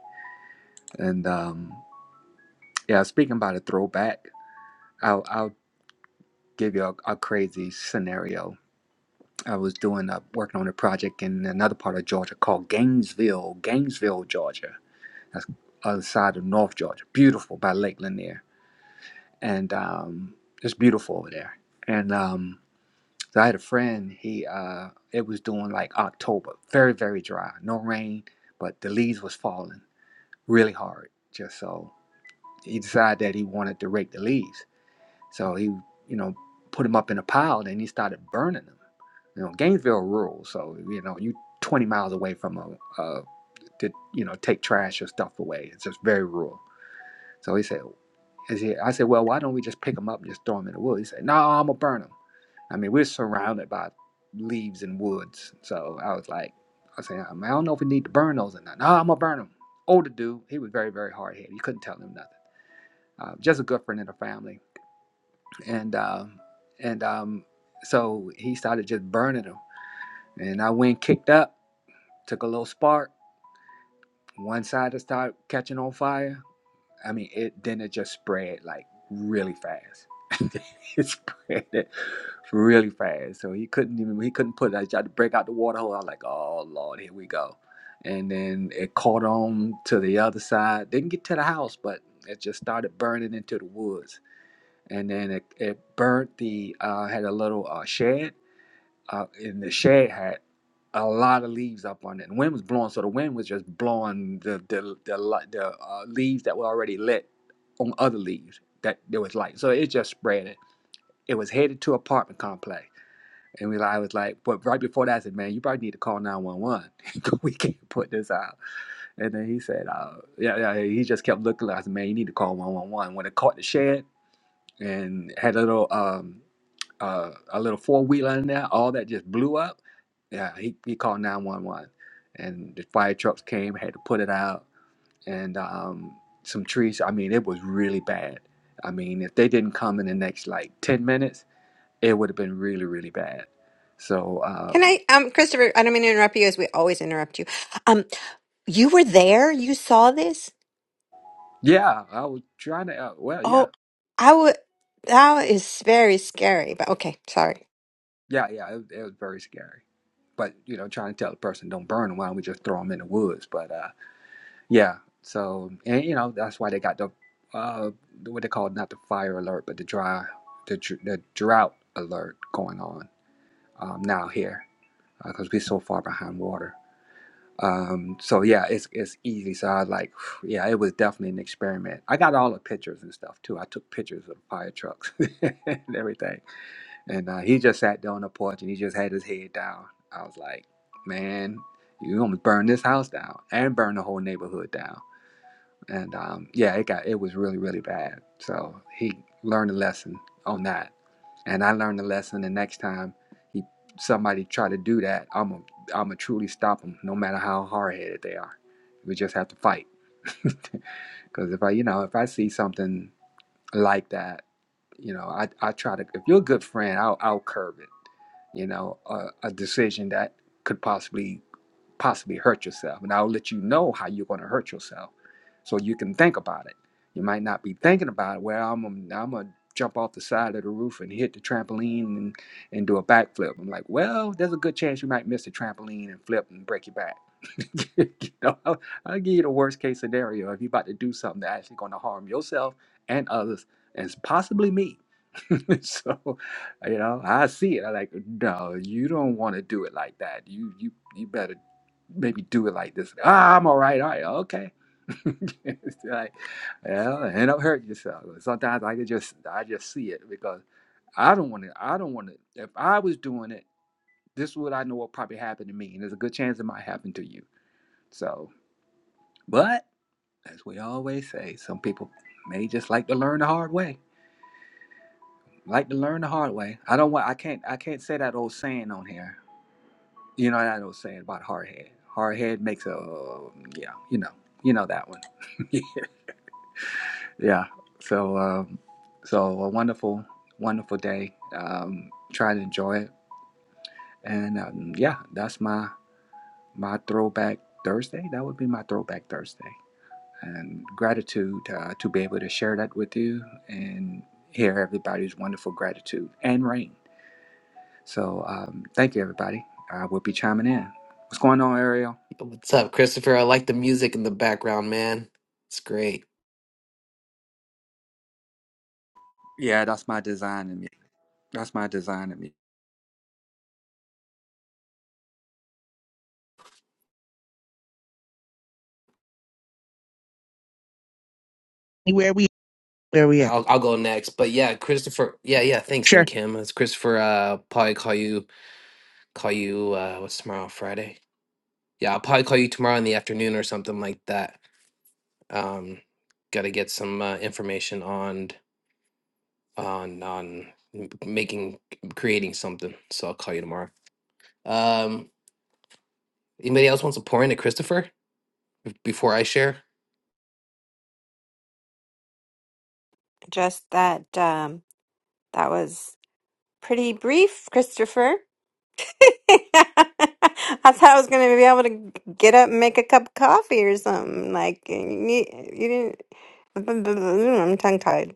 And um, yeah, speaking about a throwback, I'll, I'll give you a, a crazy scenario. I was doing a, working on a project in another part of Georgia called Gainesville, Gainesville, Georgia. That's other side of North Georgia. Beautiful by Lake Lanier, and um, it's beautiful over there. And um, So I had a friend, he uh it was doing like October, very, very dry, no rain, but the leaves was falling really hard. Just so he decided that he wanted to rake the leaves. So he, you know, put them up in a pile and he started burning them. You know, Gainesville rural, so you know, you 20 miles away from a, uh, to, you know, take trash or stuff away. It's just very rural. So he said, is he, I said, well, why don't we just pick them up and just throw them in the wood? He said, no, I'm going to burn them. I mean, we're surrounded by leaves and woods. So I was like, I said, I, mean, I don't know if we need to burn those or not. No, I'm going to burn them. Older dude, he was very, very hard headed. You couldn't tell him nothing. Uh, just a good friend in the family. And um, and um, so he started just burning them. And I went, kicked up, took a little spark. One side started catching on fire I mean, it then it just spread like really fast. it spread it really fast. So he couldn't even he couldn't put it. I tried to break out the water hole. I was like, oh Lord, here we go. And then it caught on to the other side. Didn't get to the house, but it just started burning into the woods. And then it, it burnt the uh, had a little uh, shed uh, in the shade had a lot of leaves up on it. And wind was blowing, so the wind was just blowing the the the, li- the uh, leaves that were already lit on other leaves that there was light. So it just spread it. It was headed to apartment complex. And we, I was like, but right before that, I said, man, you probably need to call 911. we can't put this out. And then he said, uh, yeah, yeah, he just kept looking. I said, man, you need to call 111. When it caught the shed and had a little, um, uh, a little four wheeler in there. All that just blew up. Yeah, he, he called 911, and the fire trucks came, had to put it out, and um, some trees. I mean, it was really bad. I mean, if they didn't come in the next like 10 minutes, it would have been really, really bad. So, Can um, I, um, Christopher? I don't mean to interrupt you, as we always interrupt you. Um, you were there. You saw this. yeah, I was trying to, uh, well, yeah, Oh, I would. That is very scary. But okay, sorry. yeah, yeah, it, it was very scary. But, you know, trying to tell the person, don't burn them, why don't we just throw them in the woods? But, uh, Yeah. So, and you know, that's why they got the uh, what they call not the fire alert, but the dry, the dr- the drought alert going on um, now here because we're so far behind water. Um, so yeah, it's it's easy. So I was like, yeah, it was definitely an experiment. I got all the pictures and stuff too. I took pictures of fire trucks and everything. And uh, he just sat there on the porch and he just had his head down. I was like, man, you're gonna burn this house down and burn the whole neighborhood down and um, yeah, it got it was really really bad. So he learned a lesson on that, and I learned a lesson. The next time he somebody try to do that, I'm a I'm a truly stop them, no matter how hard headed they are. We just have to fight, because if I you know if I see something like that, you know I I try to if you're a good friend, I'll I'll curb it. You know, a, a decision that could possibly possibly hurt yourself. And I'll let you know how you're going to hurt yourself so you can think about it. You might not be thinking about it. Well, I'm going I'm to jump off the side of the roof and hit the trampoline and, and do a backflip. I'm like, well, there's a good chance you might miss the trampoline and flip and break your back. you know, I'll, I'll give you the worst case scenario if you're about to do something that's actually going to harm yourself and others, and possibly me. so, you know, I see it. I like, no, you don't want to do it like that. You, you, you better maybe do it like this. Ah, I'm all right. All right. Okay. it's like, yeah, don't hurt yourself. Sometimes I could just, I just see it because I don't want to, I don't want to, if I was doing it, this is what I know will probably happen to me. And there's a good chance it might happen to you. So, but as we always say, some people may just like to learn the hard way. Like to learn the hard way. I don't want, I can't, I can't say that old saying on here You know what I was saying about hardhead. Hardhead makes a yeah, you know, you know that one. yeah. So um, so a wonderful, wonderful day. Um, try to enjoy it, and um, yeah, that's my my throwback Thursday. That would be my throwback Thursday, and gratitude uh, to be able to share that with you and hear everybody's wonderful gratitude and rain. So um, thank you, everybody. I will be chiming in. What's going on, Ariel? What's up, Christopher? I like the music in the background, man. It's great. Yeah, that's my design. in me. That's my design of me. Where we? Where we at? I'll I'll go next. But yeah, Christopher. Yeah, yeah. Thanks, and Sure. Kim. It's Christopher. Uh, probably call you call you. Uh, what's tomorrow? Friday. Yeah, I'll probably call you tomorrow in the afternoon or something like that. Um, got to get some uh, information on. on on m- making creating something. So I'll call you tomorrow. Um, anybody else wants to pour into Christopher before I share? Just that um, that was pretty brief, Christopher. I thought I was going to be able to get up and make a cup of coffee or something. Like you, you didn't. I'm tongue tied.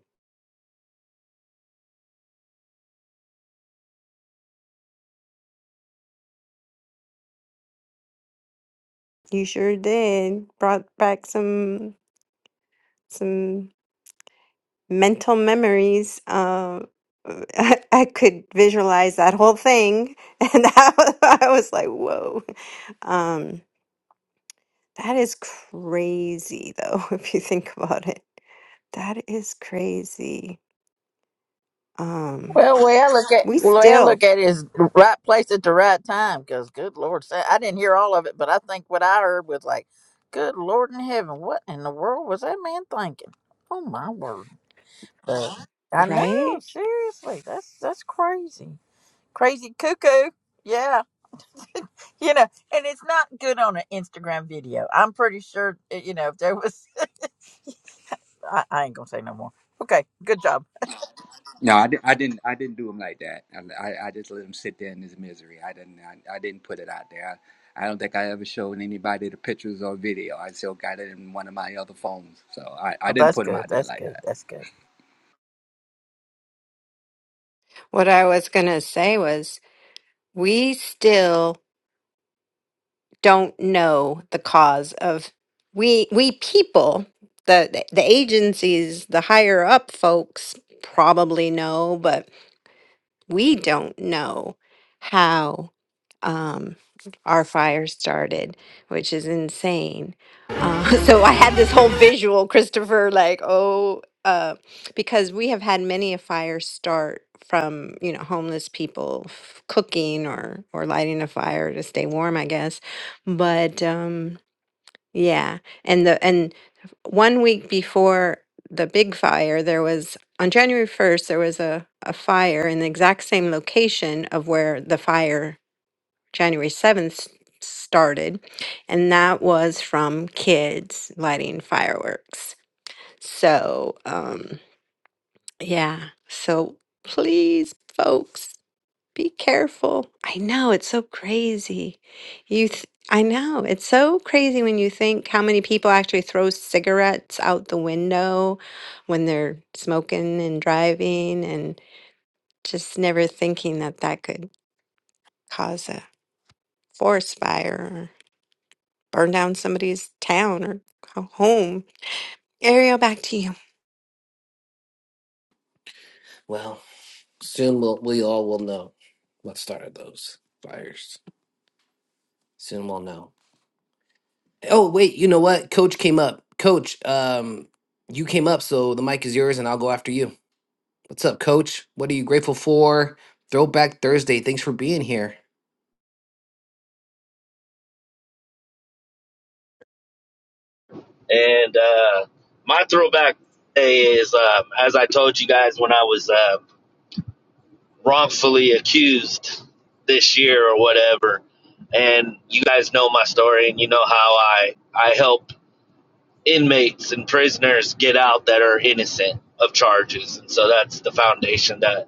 You sure did. Brought back some some. mental memories. Um, I, could visualize that whole thing, and I, was- I was like, "Whoa, um, that is crazy!" Though, if you think about it, that is crazy. Um, Well, the way I look at we well, the way I still look at it is right place at the right time. Because good Lord, sa- I didn't hear all of it, but I think what I heard was like, "Good Lord in heaven, what in the world was that man thinking?" Oh my word! Uh, I know. right. Seriously, that's that's crazy. Crazy cuckoo. Yeah. you know, and it's not good on an Instagram video. I'm pretty sure, uh, you know, if there was, I, I ain't gonna say no more. Okay, good job. No, I, di- I didn't. I didn't do them like that. I, I, I just let him sit there in his misery. I didn't. I, I didn't put it out there. I, I don't think I ever showed anybody the pictures or video. I still got it in one of my other phones, so I, I Well, didn't that's put them good. out there That's like good. that. That's good. What I was gonna say was, we still. don't know the cause of we we people the the the agencies the higher up folks probably know but we don't know how um, our fire started, which is insane. Uh, so I had this whole visual, Christopher, like, oh, uh, because we have had many a fire start from you know homeless people f- cooking or or lighting a fire to stay warm, I guess. But um, yeah. And the and one week before the big fire, there was on January 1st, there was a, a fire in the exact same location of where the fire January 7th started. And that was from kids lighting fireworks. So, um, yeah. So please, folks. Be careful. I know it's so crazy. You th- I know it's so crazy when you think how many people actually throw cigarettes out the window when they're smoking and driving and just never thinking that that could cause a forest fire or burn down somebody's town or ho- home. Ariel, back to you. Well, soon we'll, we all will know what started those fires. Soon we'll know. Oh wait, you know what? Coach came up. Coach, um, you came up, so the mic is yours, and I'll go after you. What's up, Coach? What are you grateful for? Throwback Thursday. Thanks for being here. And uh, my throwback is, um, as I told you guys when I was uh, wrongfully accused this year or whatever, and you guys know my story and you know how I, I help inmates and prisoners get out that are innocent of charges. And so that's the foundation that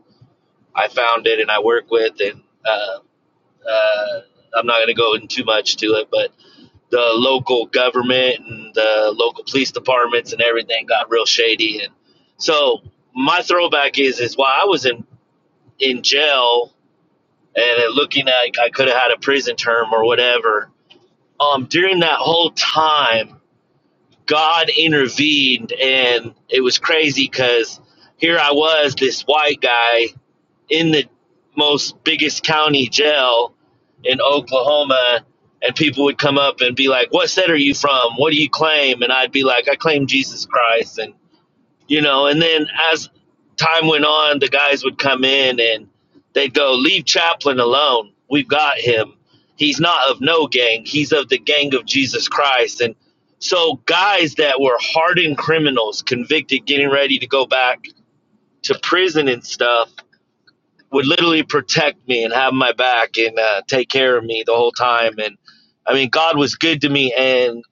I founded and I work with. And uh, uh, I'm not going to go into too much to it, but the local government and the local police departments and everything got real shady and so my throwback is is while I was in in jail and looking like I could have had a prison term or whatever um during that whole time God intervened and it was crazy cuz here I was this white guy in the most biggest county jail in Oklahoma and people would come up and be like, "What set are you from? What do you claim?" And I'd be like, "I claim Jesus Christ." And you know, and then as time went on, the guys would come in and they'd go, "Leave Chaplin alone. We've got him. He's not of no gang. He's of the gang of Jesus Christ." And so guys that were hardened criminals convicted getting ready to go back to prison and stuff would literally protect me and have my back and uh, take care of me the whole time. And I mean, God was good to me. And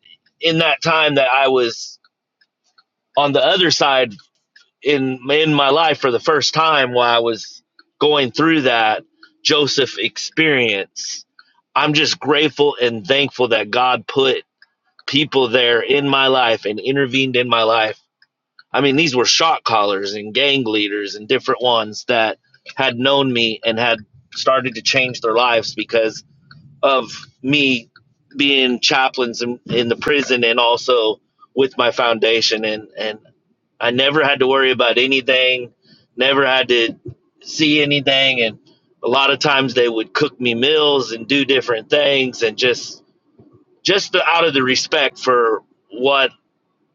in that time that I was on the other side in in my life for the first time, while I was going through that Joseph experience, I'm just grateful and thankful that God put people there in my life and intervened in my life I mean, these were shot callers and gang leaders and different ones that had known me and had started to change their lives because of me being chaplains in, in the prison and also with my foundation. And, and I never had to worry about anything, never had to see anything. And a lot of times they would cook me meals and do different things and just, just the, out of the respect for what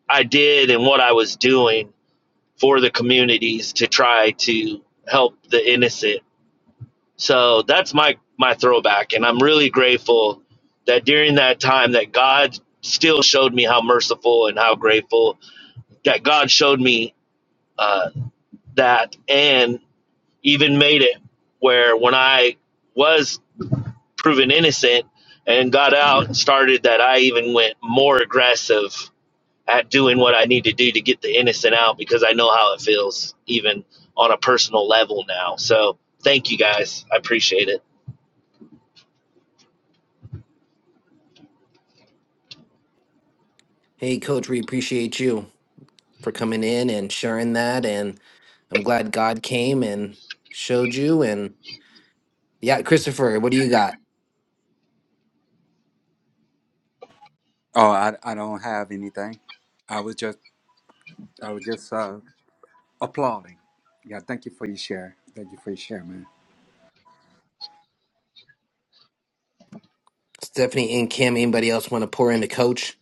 I did and what I was doing for the communities to try to help the innocent. So that's my my throwback and I'm really grateful that during that time that God still showed me how merciful and how grateful that God showed me uh, that and even made it where when I was proven innocent and got out and started that I even went more aggressive at doing what I need to do to get the innocent out because I know how it feels, even on a personal level now. So thank you guys. I appreciate it. Hey, Coach, we appreciate you. for coming in and sharing that. And I'm glad God came and showed you. And yeah, Christopher, what do you got? Oh, I, I don't have anything. I was just I was just uh, applauding. Yeah, thank you for your share. Thank you for your share, man. Stephanie and Kim, anybody else want to pour into Coach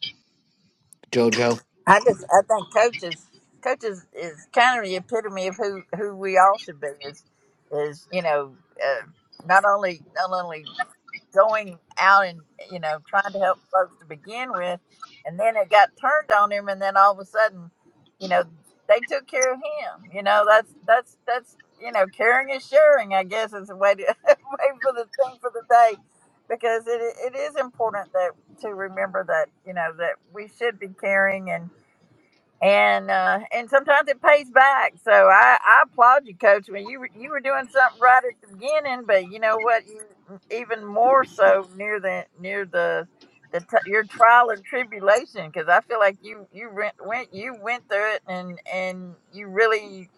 JoJo? I just, I think coaches, coaches is kind of the epitome of who who we all should be. Is is you know, uh, not only not only going out and you know trying to help folks to begin with and then it got turned on him and then all of a sudden you know they took care of him you know that's that's that's you know caring is sharing i guess is a way to way for the thing for the day because it it is important that to remember that you know that we should be caring and and uh, and sometimes it pays back. So I, I applaud you, Coach. I mean, you were- you were doing something right at the beginning, but you know what? You even more so near the near the the t- your trial and tribulation, because I feel like you you went went you went through it, and and you really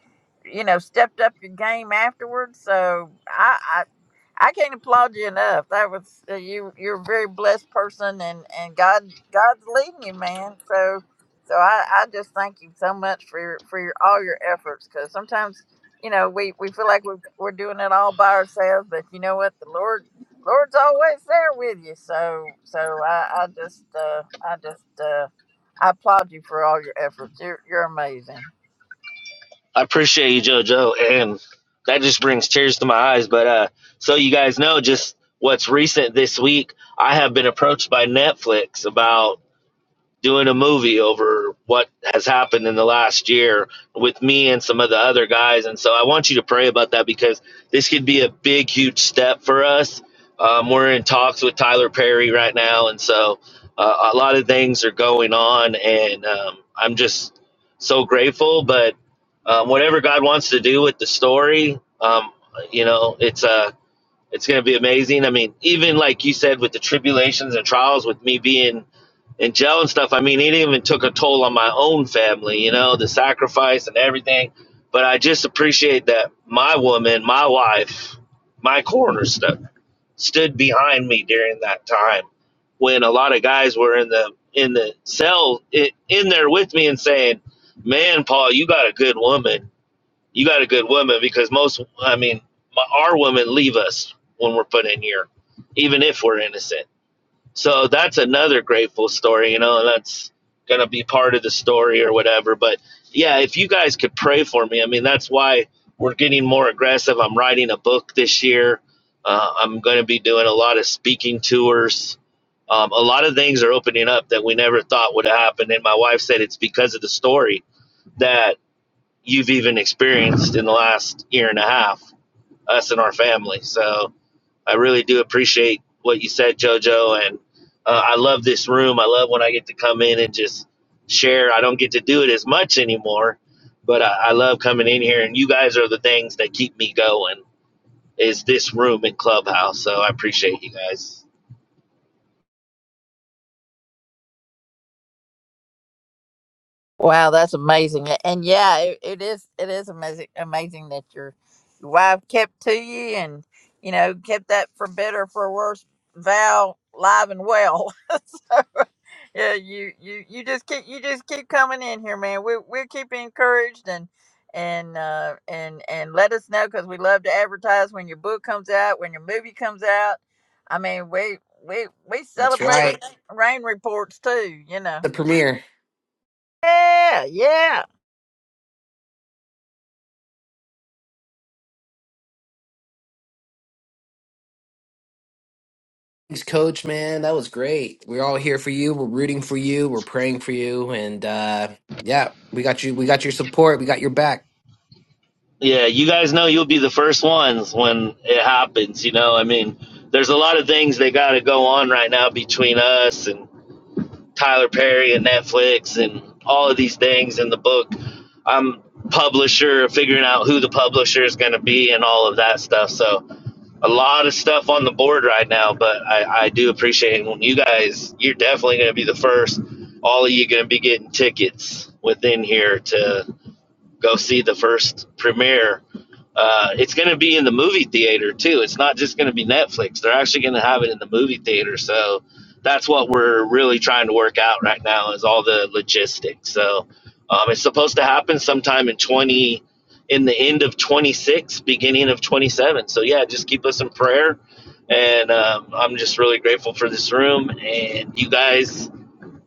you know stepped up your game afterwards. So I. I I can't applaud you enough. That was uh, you. You're a very blessed person, and and God God's leading you, man. So so I, I just thank you so much for your, for your, all your efforts because sometimes you know we, we feel like we're, we're doing it all by ourselves, but you know what the Lord Lord's always there with you. So so I, I just uh, I just uh, I applaud you for all your efforts. You're you're amazing. I appreciate you, JoJo. And that just brings tears to my eyes. But uh, so you guys know just what's recent this week, I have been approached by Netflix about doing a movie over what has happened in the last year with me and some of the other guys. And so I want you to pray about that because this could be a big, huge step for us. Um, we're in talks with Tyler Perry right now. And so uh, a lot of things are going on. And um, I'm just so grateful. But um, whatever God wants to do with the story, um, you know, it's Uh, it's going to be amazing. I mean, even like you said, with the tribulations and trials, with me being and jail and stuff. I mean, it even took a toll on my own family, you know, the sacrifice and everything. But I just appreciate that my woman, my wife, my coroner stu- stood behind me during that time when a lot of guys were in the in the cell i in there with me and saying, "Man, Paul, you got a good woman. You got a good woman." Because most, I mean, my, our women leave us when we're put in here, even if we're innocent so that's another grateful story, you know, and that's going to be part of the story or whatever. But yeah, if you guys could pray for me, I mean, that's why we're getting more aggressive. I'm writing a book this year. Uh, I'm going to be doing a lot of speaking tours. Um, a lot of things are opening up that we never thought would happen. And my wife said it's because of the story that you've even experienced in the last year and a half, us and our family. So, I really do appreciate what you said, JoJo, and uh, I love this room. I love when I get to come in and just share. I don't get to do it as much anymore, but I, I love coming in here, and you guys are the things that keep me going. Is this room in Clubhouse? So I appreciate you guys. Wow, that's amazing. A- And yeah, it, it is it is amazing amazing that your your wife kept to you and you know, kept that for better for worse vow live and well. so yeah, you, you you just keep you just keep coming in here, man. We we'll keep you encouraged and and uh and and let us know because we love to advertise when your book comes out, when your movie comes out. I mean we we we That's That's celebrate right. right. rain reports too, you know. The premiere. Yeah, yeah. Thanks, Coach, man. That was great. We're all here for you. We're rooting for you. We're praying for you. And uh, yeah, we got you. We got your support. We got your back. Yeah, you guys know you'll be the first ones when it happens. You know, I mean, there's a lot of things that got to go on right now between us and Tyler Perry and Netflix and all of these things in the book. I'm publisher, figuring out who the publisher is going to be and all of that stuff. So a lot of stuff on the board right now, but I, I do appreciate it. When you guys, you're definitely going to be the first. All of you going to be getting tickets within here to Go see the first premiere. Uh, it's going to be in the movie theater too. It's not just going to be Netflix. They're actually going to have it in the movie theater. So that's what we're really trying to work out right now is all the logistics. So um, it's supposed to happen sometime in twenty, in the end of twenty six, beginning of twenty seven. So yeah, just keep us in prayer. And um, I'm just really grateful for this room, and you guys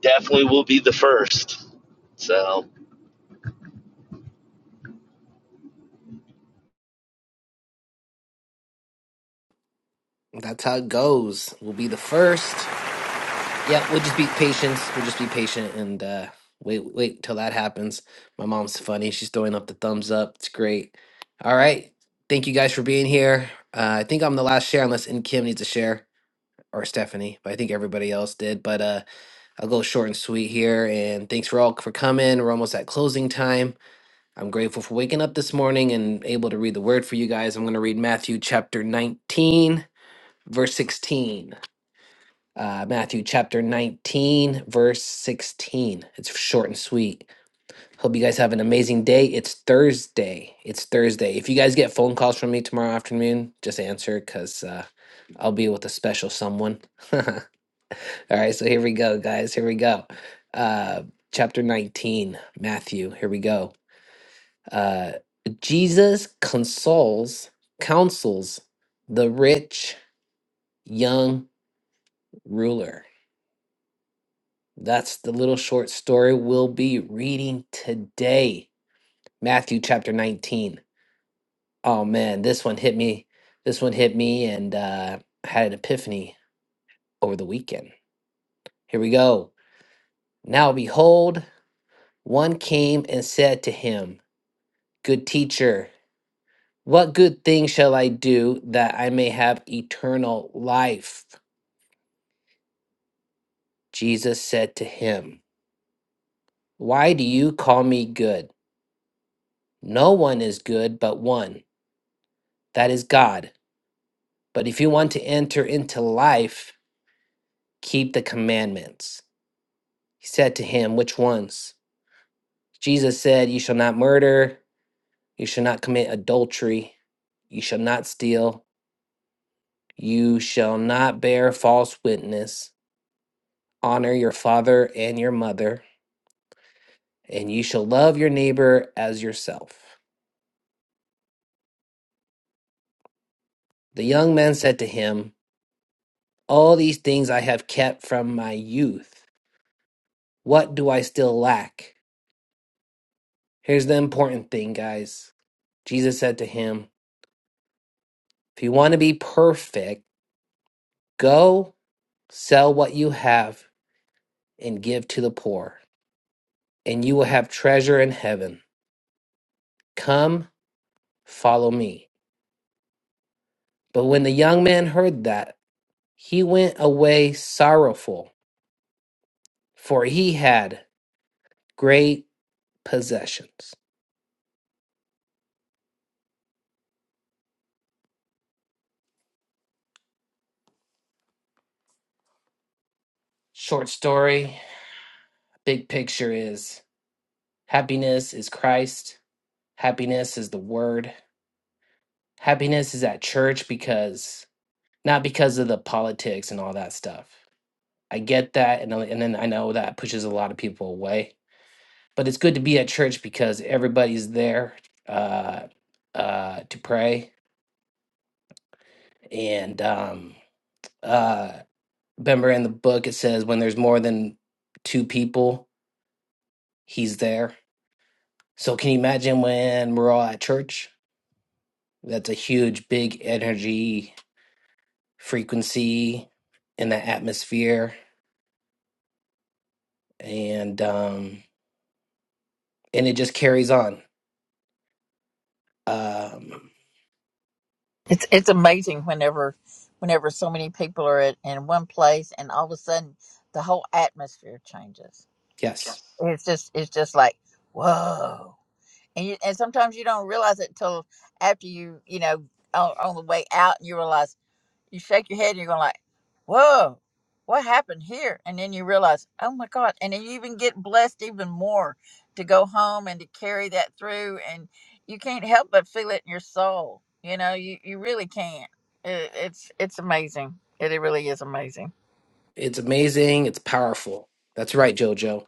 definitely will be the first. So. That's how it goes. We'll be the first. Yeah, we'll just be patient. We'll just be patient and uh, wait, wait till that happens. My mom's funny. She's throwing up the thumbs up. It's great. All right. Thank you guys for being here. Uh, I think I'm the last share, unless in Kim needs a share or Stephanie, but I think everybody else did. But uh, I'll go short and sweet here. And thanks for all for coming. We're almost at closing time. I'm grateful for waking up this morning and able to read the word for you guys. I'm going to read Matthew chapter 19, verse 16 uh, Matthew chapter 19, verse 16. It's short and sweet. Hope you guys have an amazing day. It's Thursday. It's Thursday. If you guys get phone calls from me tomorrow afternoon, just answer because uh, I'll be with a special someone. All right, so here we go, guys. Here we go. Uh, chapter 19, Matthew. Here we go. Uh, Jesus consoles, counsels the rich young ruler. That's the little short story we'll be reading today. Matthew chapter 19. Oh man, this one hit me. This one hit me and uh, I had an epiphany over the weekend. Here we go. Now behold, one came and said to him, Good teacher, what good thing shall I do that I may have eternal life? Jesus said to him, Why do you call me good? No one is good but one, that is God. But if you want to enter into life, keep the commandments. He said to him, Which ones? Jesus said, You shall not murder, you shall not commit adultery, you shall not steal, you shall not bear false witness, honor your father and your mother, and you shall love your neighbor as yourself. The young man said to him, All these things I have kept from my youth. What do I still lack? Here's the important thing, guys. Jesus said to him, If you want to be perfect, go sell what you have and give to the poor, and you will have treasure in heaven. Come, follow me. But when the young man heard that, he went away sorrowful, for he had great possessions. Short story, big picture is happiness is Christ, happiness is the word, happiness is at church because not because of the politics and all that stuff I get that, and uh, and then I know that pushes a lot of people away. But it's good to be at church because everybody's there uh, uh, to pray. And um, uh, remember, in the book it says when there's more than two people, he's there. So can you imagine when we're all at church? That's a huge, big energy frequency in the atmosphere, and um, and it just carries on. Um, It's it's amazing whenever whenever so many people are at, in one place and all of a sudden the whole atmosphere changes. yes It's just it's just like whoa, and you, and sometimes you don't realize it till after you you know on, on the way out and you realize you shake your head and you're going like, whoa, what happened here? And then you realize, oh my God. And then you even get blessed even more to go home and to carry that through. And you can't help but feel it in your soul. You know, you, you really can't. It, it's, it's amazing. It, it really is amazing. It's amazing. It's powerful. That's right, Jojo.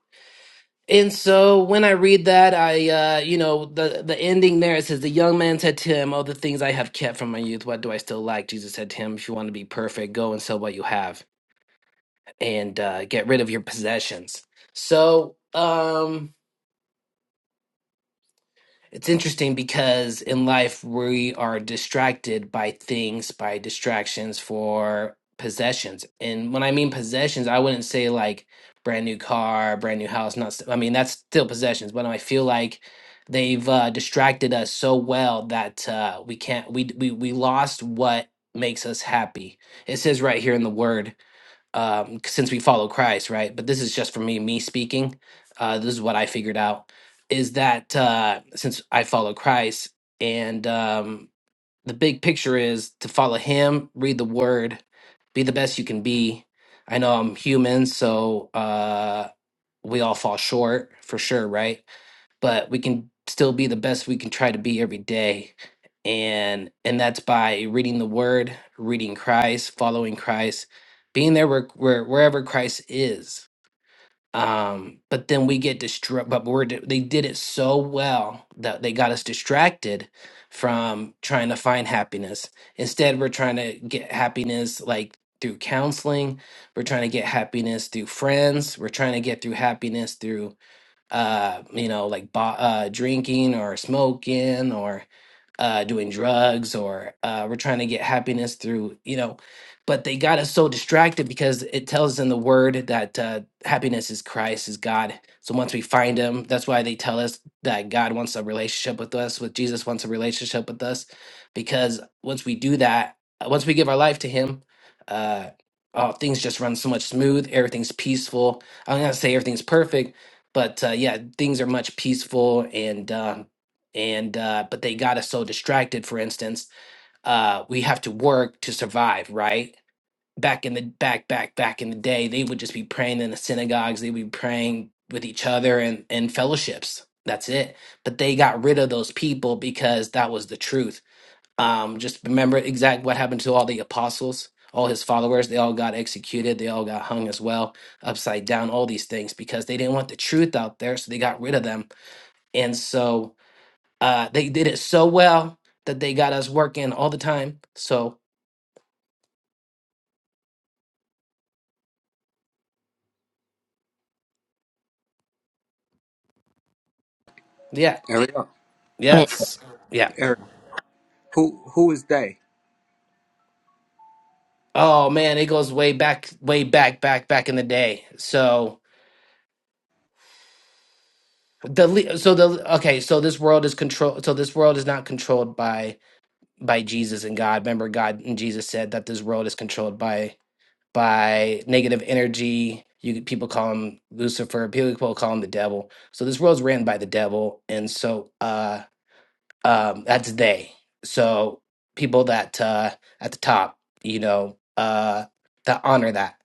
And so when I read that, I, uh, you know, the the ending there it says, "The young man said to him, all the things I have kept from my youth, what do I still lack?" Jesus said to him, "If you want to be perfect, go and sell what you have and uh, get rid of your possessions." So, um, It's interesting because in life we are distracted by things, by distractions for possessions. And when I mean possessions, I wouldn't say like brand new car, brand new house, not st- I mean that's still possessions, but I feel like they've uh, distracted us so well that uh, we can't we we we lost what makes us happy. It says right here in the word um, since we follow Christ, right? But this is just for me, me speaking. Uh, this is what I figured out is that uh, since I follow Christ, and um, the big picture is to follow Him, read the Word, be the best you can be. I know I'm human, so uh, we all fall short for sure, right? but we can still be the best we can try to be every day and and that's by reading the word reading christ following christ being there where, where wherever christ is um but then we get distracted but we're di- they did it so well that they got us distracted from trying to find happiness instead we're trying to get happiness like through counseling we're trying to get happiness through friends we're trying to get through happiness through uh, you know, like bo- uh, drinking or smoking or uh, doing drugs or uh, we're trying to get happiness through, you know. But they got us so distracted because it tells in the word that uh, happiness is Christ, is God. So once we find him, that's why they tell us that God wants a relationship with us, with Jesus wants a relationship with us, because once we do that, uh, once we give our life to him, uh, oh, things just run so much smooth. Everything's peaceful. I'm not gonna say everything's perfect, but uh, yeah, things are much peaceful and uh, and uh, but they got us so distracted. For instance, uh, we have to work to survive, right? Back in the back, back, back in the day, they would just be praying in the synagogues. They would be praying with each other and and fellowships. That's it. But they got rid of those people because that was the truth. Um, just remember exact what happened to all the apostles, all his followers. They all got executed. They all got hung as well, upside down. All these things because they didn't want the truth out there, so they got rid of them. And so uh, they did it so well that they got us working all the time. So yeah, Ariel, It- yes, yeah. Ariel, who who is they? Oh man, it goes way back, way back, back, back in the day. So the le- so the okay, so this world is control. So this world is not controlled by by Jesus and God. Remember, God and Jesus said that this world is controlled by by negative energy. You could- people call him Lucifer. People call him the devil. So this world's ran by the devil, and so uh um that's they so people that uh at the top you know uh that honor that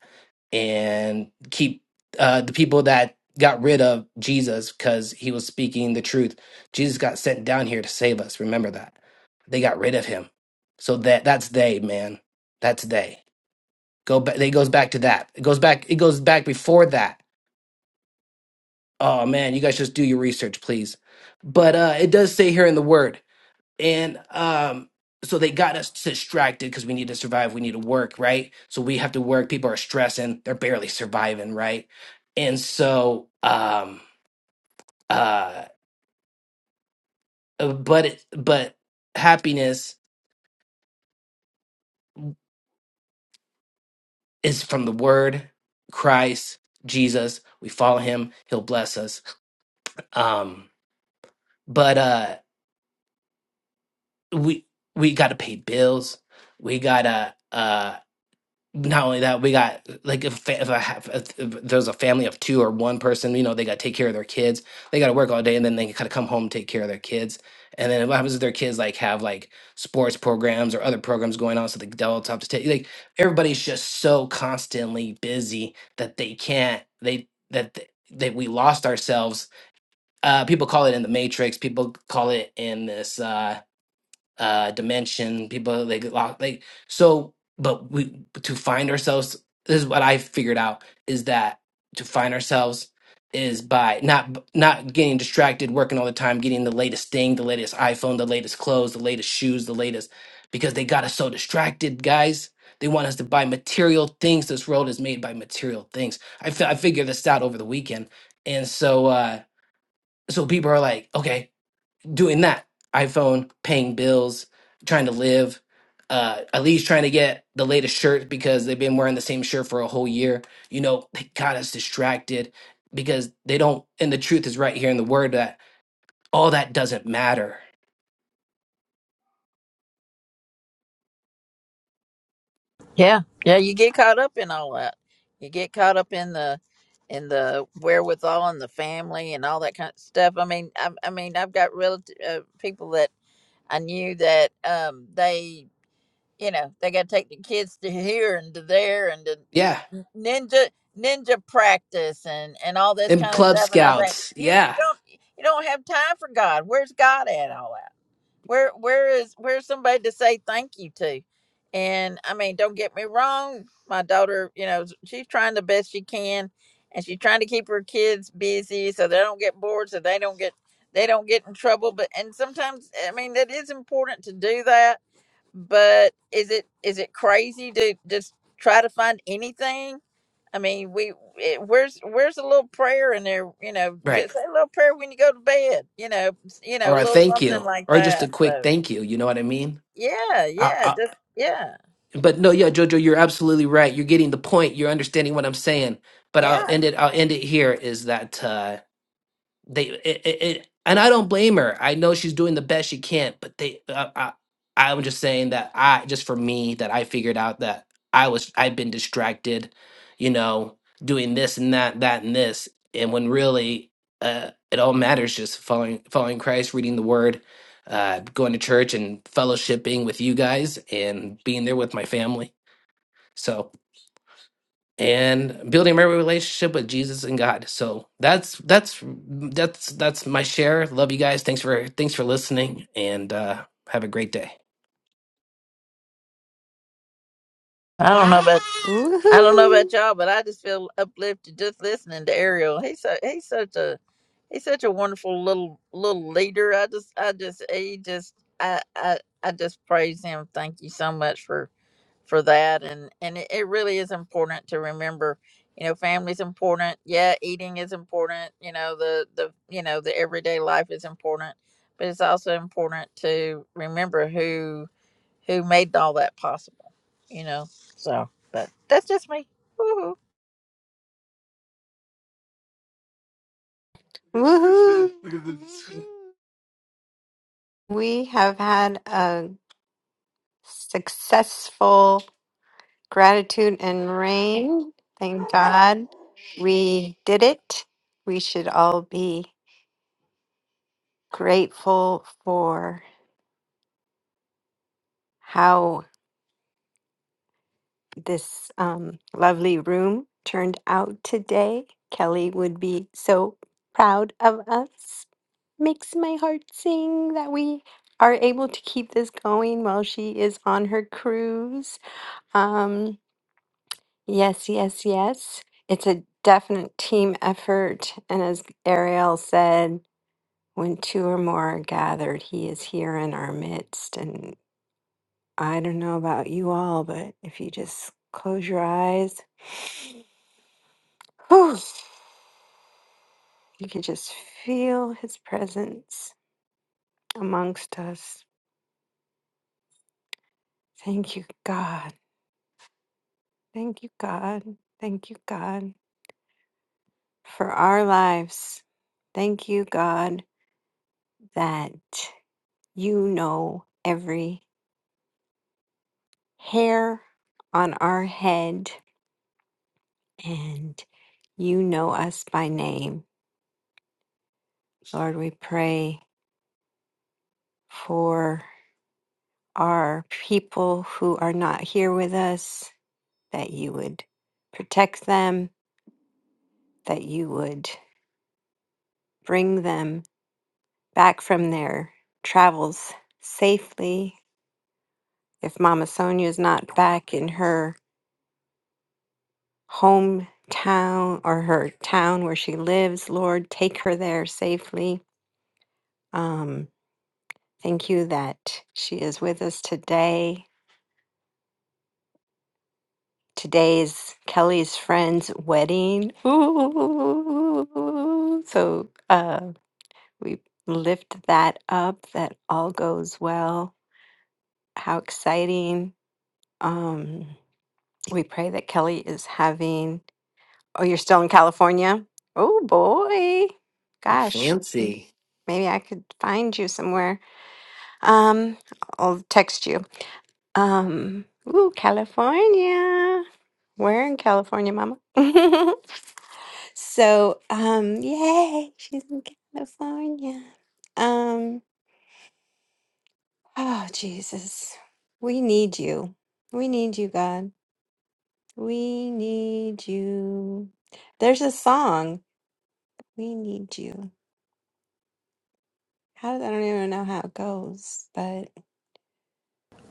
and keep uh the people that got rid of jesus because he was speaking the truth jesus got sent down here to save us remember that they got rid of him so that that's they man that's they go back it goes back to that it goes back it goes back before that oh man you guys just do your research please but uh it does say here in the word and um so they got us distracted because we need to survive we need to work right so we have to work people are stressing they're barely surviving right and so um uh but it, but happiness is from the word christ jesus we follow him he'll bless us um but uh we we gotta pay bills we gotta uh not only that, we got like if, fa- if I have if there's a family of two or one person, you know, they got to take care of their kids. They got to work all day, and then they kind of come home and take care of their kids. And then what happens if their kids like have like sports programs or other programs going on, so the adults have to take like everybody's just so constantly busy that they can't they that th- that we lost ourselves. Uh, people call it in the Matrix. People call it in this. Uh, uh dimension people like lock like so but we to find ourselves this is what i figured out is that to find ourselves is by not not getting distracted working all the time getting the latest thing the latest iphone the latest clothes the latest shoes the latest because they got us so distracted guys they want us to buy material things this world is made by material things i, fi- I figured this out over the weekend and so uh so people are like okay doing that iphone paying bills trying to live uh at least trying to get the latest shirt because they've been wearing the same shirt for a whole year you know they got us distracted because they don't and the truth is right here in the word that all that doesn't matter yeah. Yeah. You get caught up in all that. You get caught up in the, in the wherewithal and the family and all that kind of stuff. I mean, I, I mean, I've got relative uh, people that I knew that um, they, you know, they got to take the kids to here and to there and to yeah ninja ninja practice and and all this and kind of club stuff. And I think scouts you you yeah don't you don't have time for God. Where's God at all where where is where's somebody to say thank you to and i mean don't get me wrong my daughter you know she's trying the best she can and she's trying to keep her kids busy so they don't get bored so they don't get they don't get in trouble but and sometimes i mean that is important to do that but is it is it crazy to just try to find anything i mean we it, where's where's a little prayer in there you know right just say a little prayer when you go to bed you know s- you know or a a little thank something you like or just a that quick so thank you you know what i mean yeah, I, yeah, I, just yeah, but no yeah jojo you're absolutely right you're getting the point you're understanding what i'm saying but I'll yeah. end it. I'll end it here. Is that uh, they it, it, it and i don't blame her i know she's doing the best she can but they uh, i i'm just saying that i just for me that i figured out that i was i've been distracted you know doing this and that that and this and when really uh it all matters just following following christ reading the word uh going to church and fellowshipping with you guys and being there with my family so and building my relationship with Jesus and God. So that's that's that's that's my share. Love you guys. Thanks for thanks for listening and uh have a great day. I don't know about I don't know Woohoo! about y'all, but I just feel uplifted just listening to Ariel. He's so he's such a he's such a wonderful little little leader. I just I just he just I I I just praise him. Thank you so much for for that. And and it, it really is important to remember. You know, family's important. Yeah, eating is important. You know, the the you know the everyday life is important, but it's also important to remember who who made all that possible, you know. So, but that's just me. Woo-hoo. Woohoo! We have had a successful gratitude and rain. Thank God we did it. We should all be grateful for how this um, lovely room turned out today. Kelly would be so proud of us. Makes my heart sing that we are able to keep this going while she is on her cruise. Um, Yes, yes, yes. It's a definite team effort. And as Ariel said, when two or more are gathered, he is here in our midst. And I don't know about you all, but if you just close your eyes, whew, you can just feel his presence amongst us. Thank you, God. Thank you, God. Thank you, God, for our lives. Thank you, God. that you know every hair on our head and you know us by name. Lord, we pray for our people who are not here with us, that you would protect them, that you would bring them back from their travels safely. If Mama Sonia is not back in her hometown or her town where she lives. Lord, take her there safely. Um, thank you that she is with us today. Today's Kelly's friend's wedding. Ooh. So uh, we lift that up, that all goes well. How exciting. Um, we pray that Kelly is having. Oh, you're still in California? Oh, boy. Gosh. Fancy. Maybe I could find you somewhere. Um, I'll text you. Um, ooh, California. Where in California, Mama? so, um, yay, she's in California. Um, oh Jesus, we need you. We need you, God. We need you. There's a song. We need you. How I don't even know how it goes, but.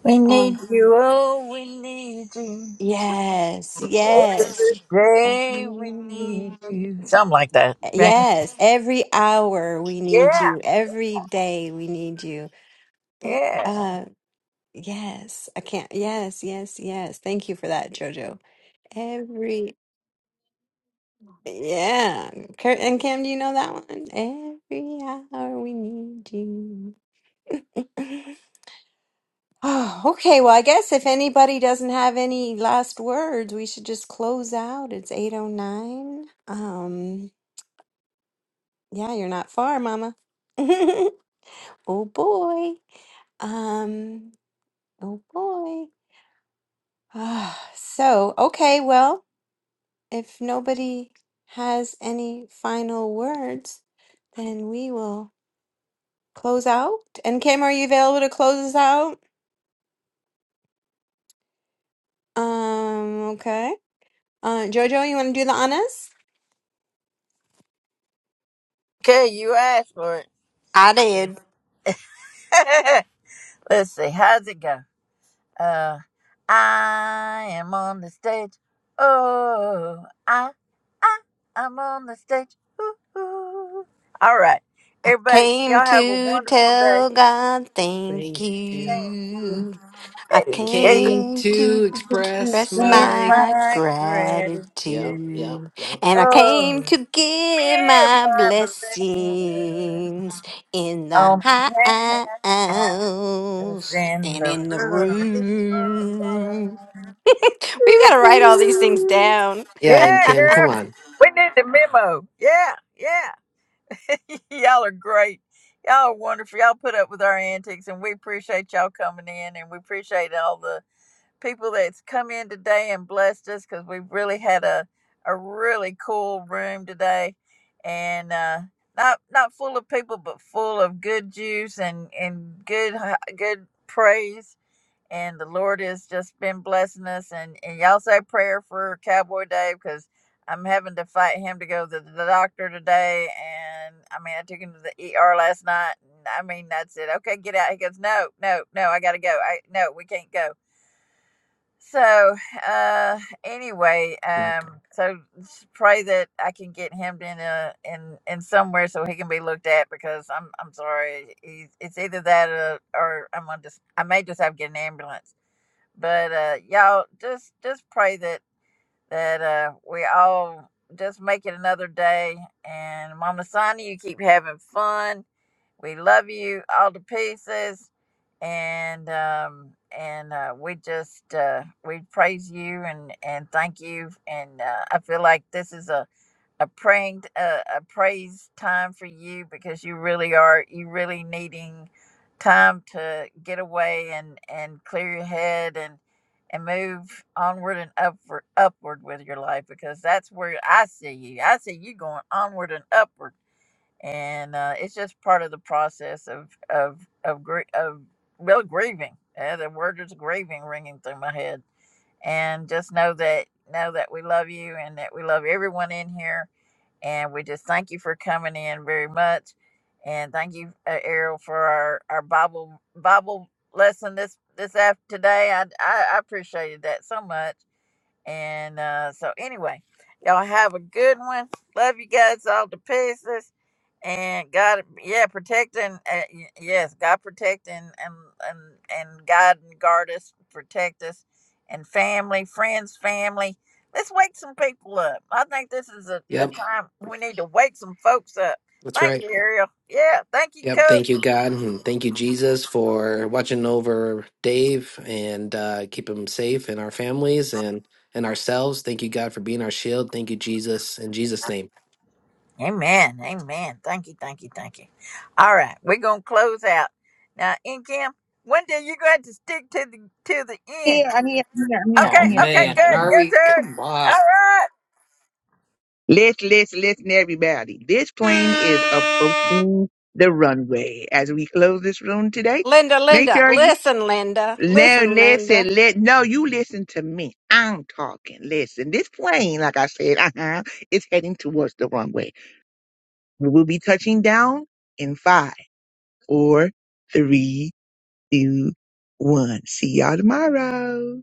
We um, need you, oh, we need you. Yes, yes. Every day we Mhm. need you. Something like that. right? Yes, every hour we need Yeah, you. Every day we need you. But, yeah. Uh, yes, I can't. Yes, yes, yes. Thank you for that, Jojo. Every, yeah. Cur- And Kim, do you know that one? Every hour we need you. Oh, okay. Well, I guess if anybody doesn't have any last words, we should just close out. It's 809. Um. Yeah, you're not far, Mama. oh boy. Um, oh boy. Ah, so, okay, well, if nobody has any final words, then we will close out. And Kim, are you available to close us out? Um, okay. Uh, Jojo, you want to do the honors? Okay, you asked for it. I did. Let's see, how's it go? Uh, I am on the stage. Oh, I, I, I'm on the stage. Ooh, ooh. All right, I everybody, came y'all have a to wonderful day. tell God thank Thank you. you. I I Thank you. came came to to express express Give my. my my gratitude. Yep, yep, gratitude. yep. And I came Oh, to give be my my blessing. blessings in the Oh, man, I house was in and the in the room. room. We've got to write all these things down. Yeah, and Yeah, Kim, come on. girl. We need the memo. Yeah, yeah. y'all are great. Y'all are wonderful. Y'all put up with our antics, and we appreciate y'all coming in, and we appreciate all the people that's come in today and blessed us because we've really had a, a really cool room today and uh, not not full of people but full of good juice and, and good good praise and the lord has just been blessing us and, and y'all say a prayer for cowboy dave because i'm having to fight him to go to the doctor today and i mean i took him to the er last night and i mean that's it okay get out he goes no no no i gotta go i no we can't go so, uh, anyway, um, so s- pray that I can get him in a in in somewhere so he can be looked at because I'm I'm sorry, he's it's either that or, or I'm gonna just I may just have to get an ambulance. But uh, y'all just just pray that that uh we all just make it another day. And Mama Sonia, you keep having fun we love you all to pieces, and um, and uh, we just uh, we praise you and and thank you. And uh, I feel like this is a a praying uh, a praise time for you because you really are you really needing time to get away and and clear your head and and move onward and upward upward with your life because that's where I see you. I see you going onward and upward and uh, it's just part of the process of of of gr- of well grieving. Uh, the word is grieving ringing through my head, and just know that know that we love you and that we love everyone in here, and we just thank you for coming in very much, and thank you, uh, Errol, for our our Bible Bible lesson this this after today. I I, I appreciated that so much and uh, so, anyway, y'all have a good one. Love you guys all to pieces. And God, yeah, protect and uh, y- yes, God protect and and and and guide and guard us, protect us, and family, friends, family. Let's wake some people up. I think this is a, a Yep, time we need to wake some folks up. that's Thank right. you, Ariel. Yeah, thank you, Yep. Coach. Thank you, God. And thank you, Jesus, for watching over Dave and uh, keep him safe and our families and, and ourselves. Thank you, God, for being our shield. Thank you, Jesus, in Jesus' name. Amen. Amen. Thank you. Thank you. Thank you. All right, we're gonna close out now. In Kim, one day you're going to stick to the to the end. here, I'm here, I'm here, I'm here, Okay. I'm Oh, here, I'm Okay. Good. here. man. I'm here. Are Good. we? Good. Come All on. right. Let's let's listen, everybody. This plane is approaching the runway. As we close this room today, Linda, make Linda, sure you listen, Linda, no listen, Linda. listen. Let no, you listen to me. I'm talking. Listen, this plane, like I said, uh-huh, is heading towards the runway. We will be touching down in five, four, three, two, one. See y'all tomorrow.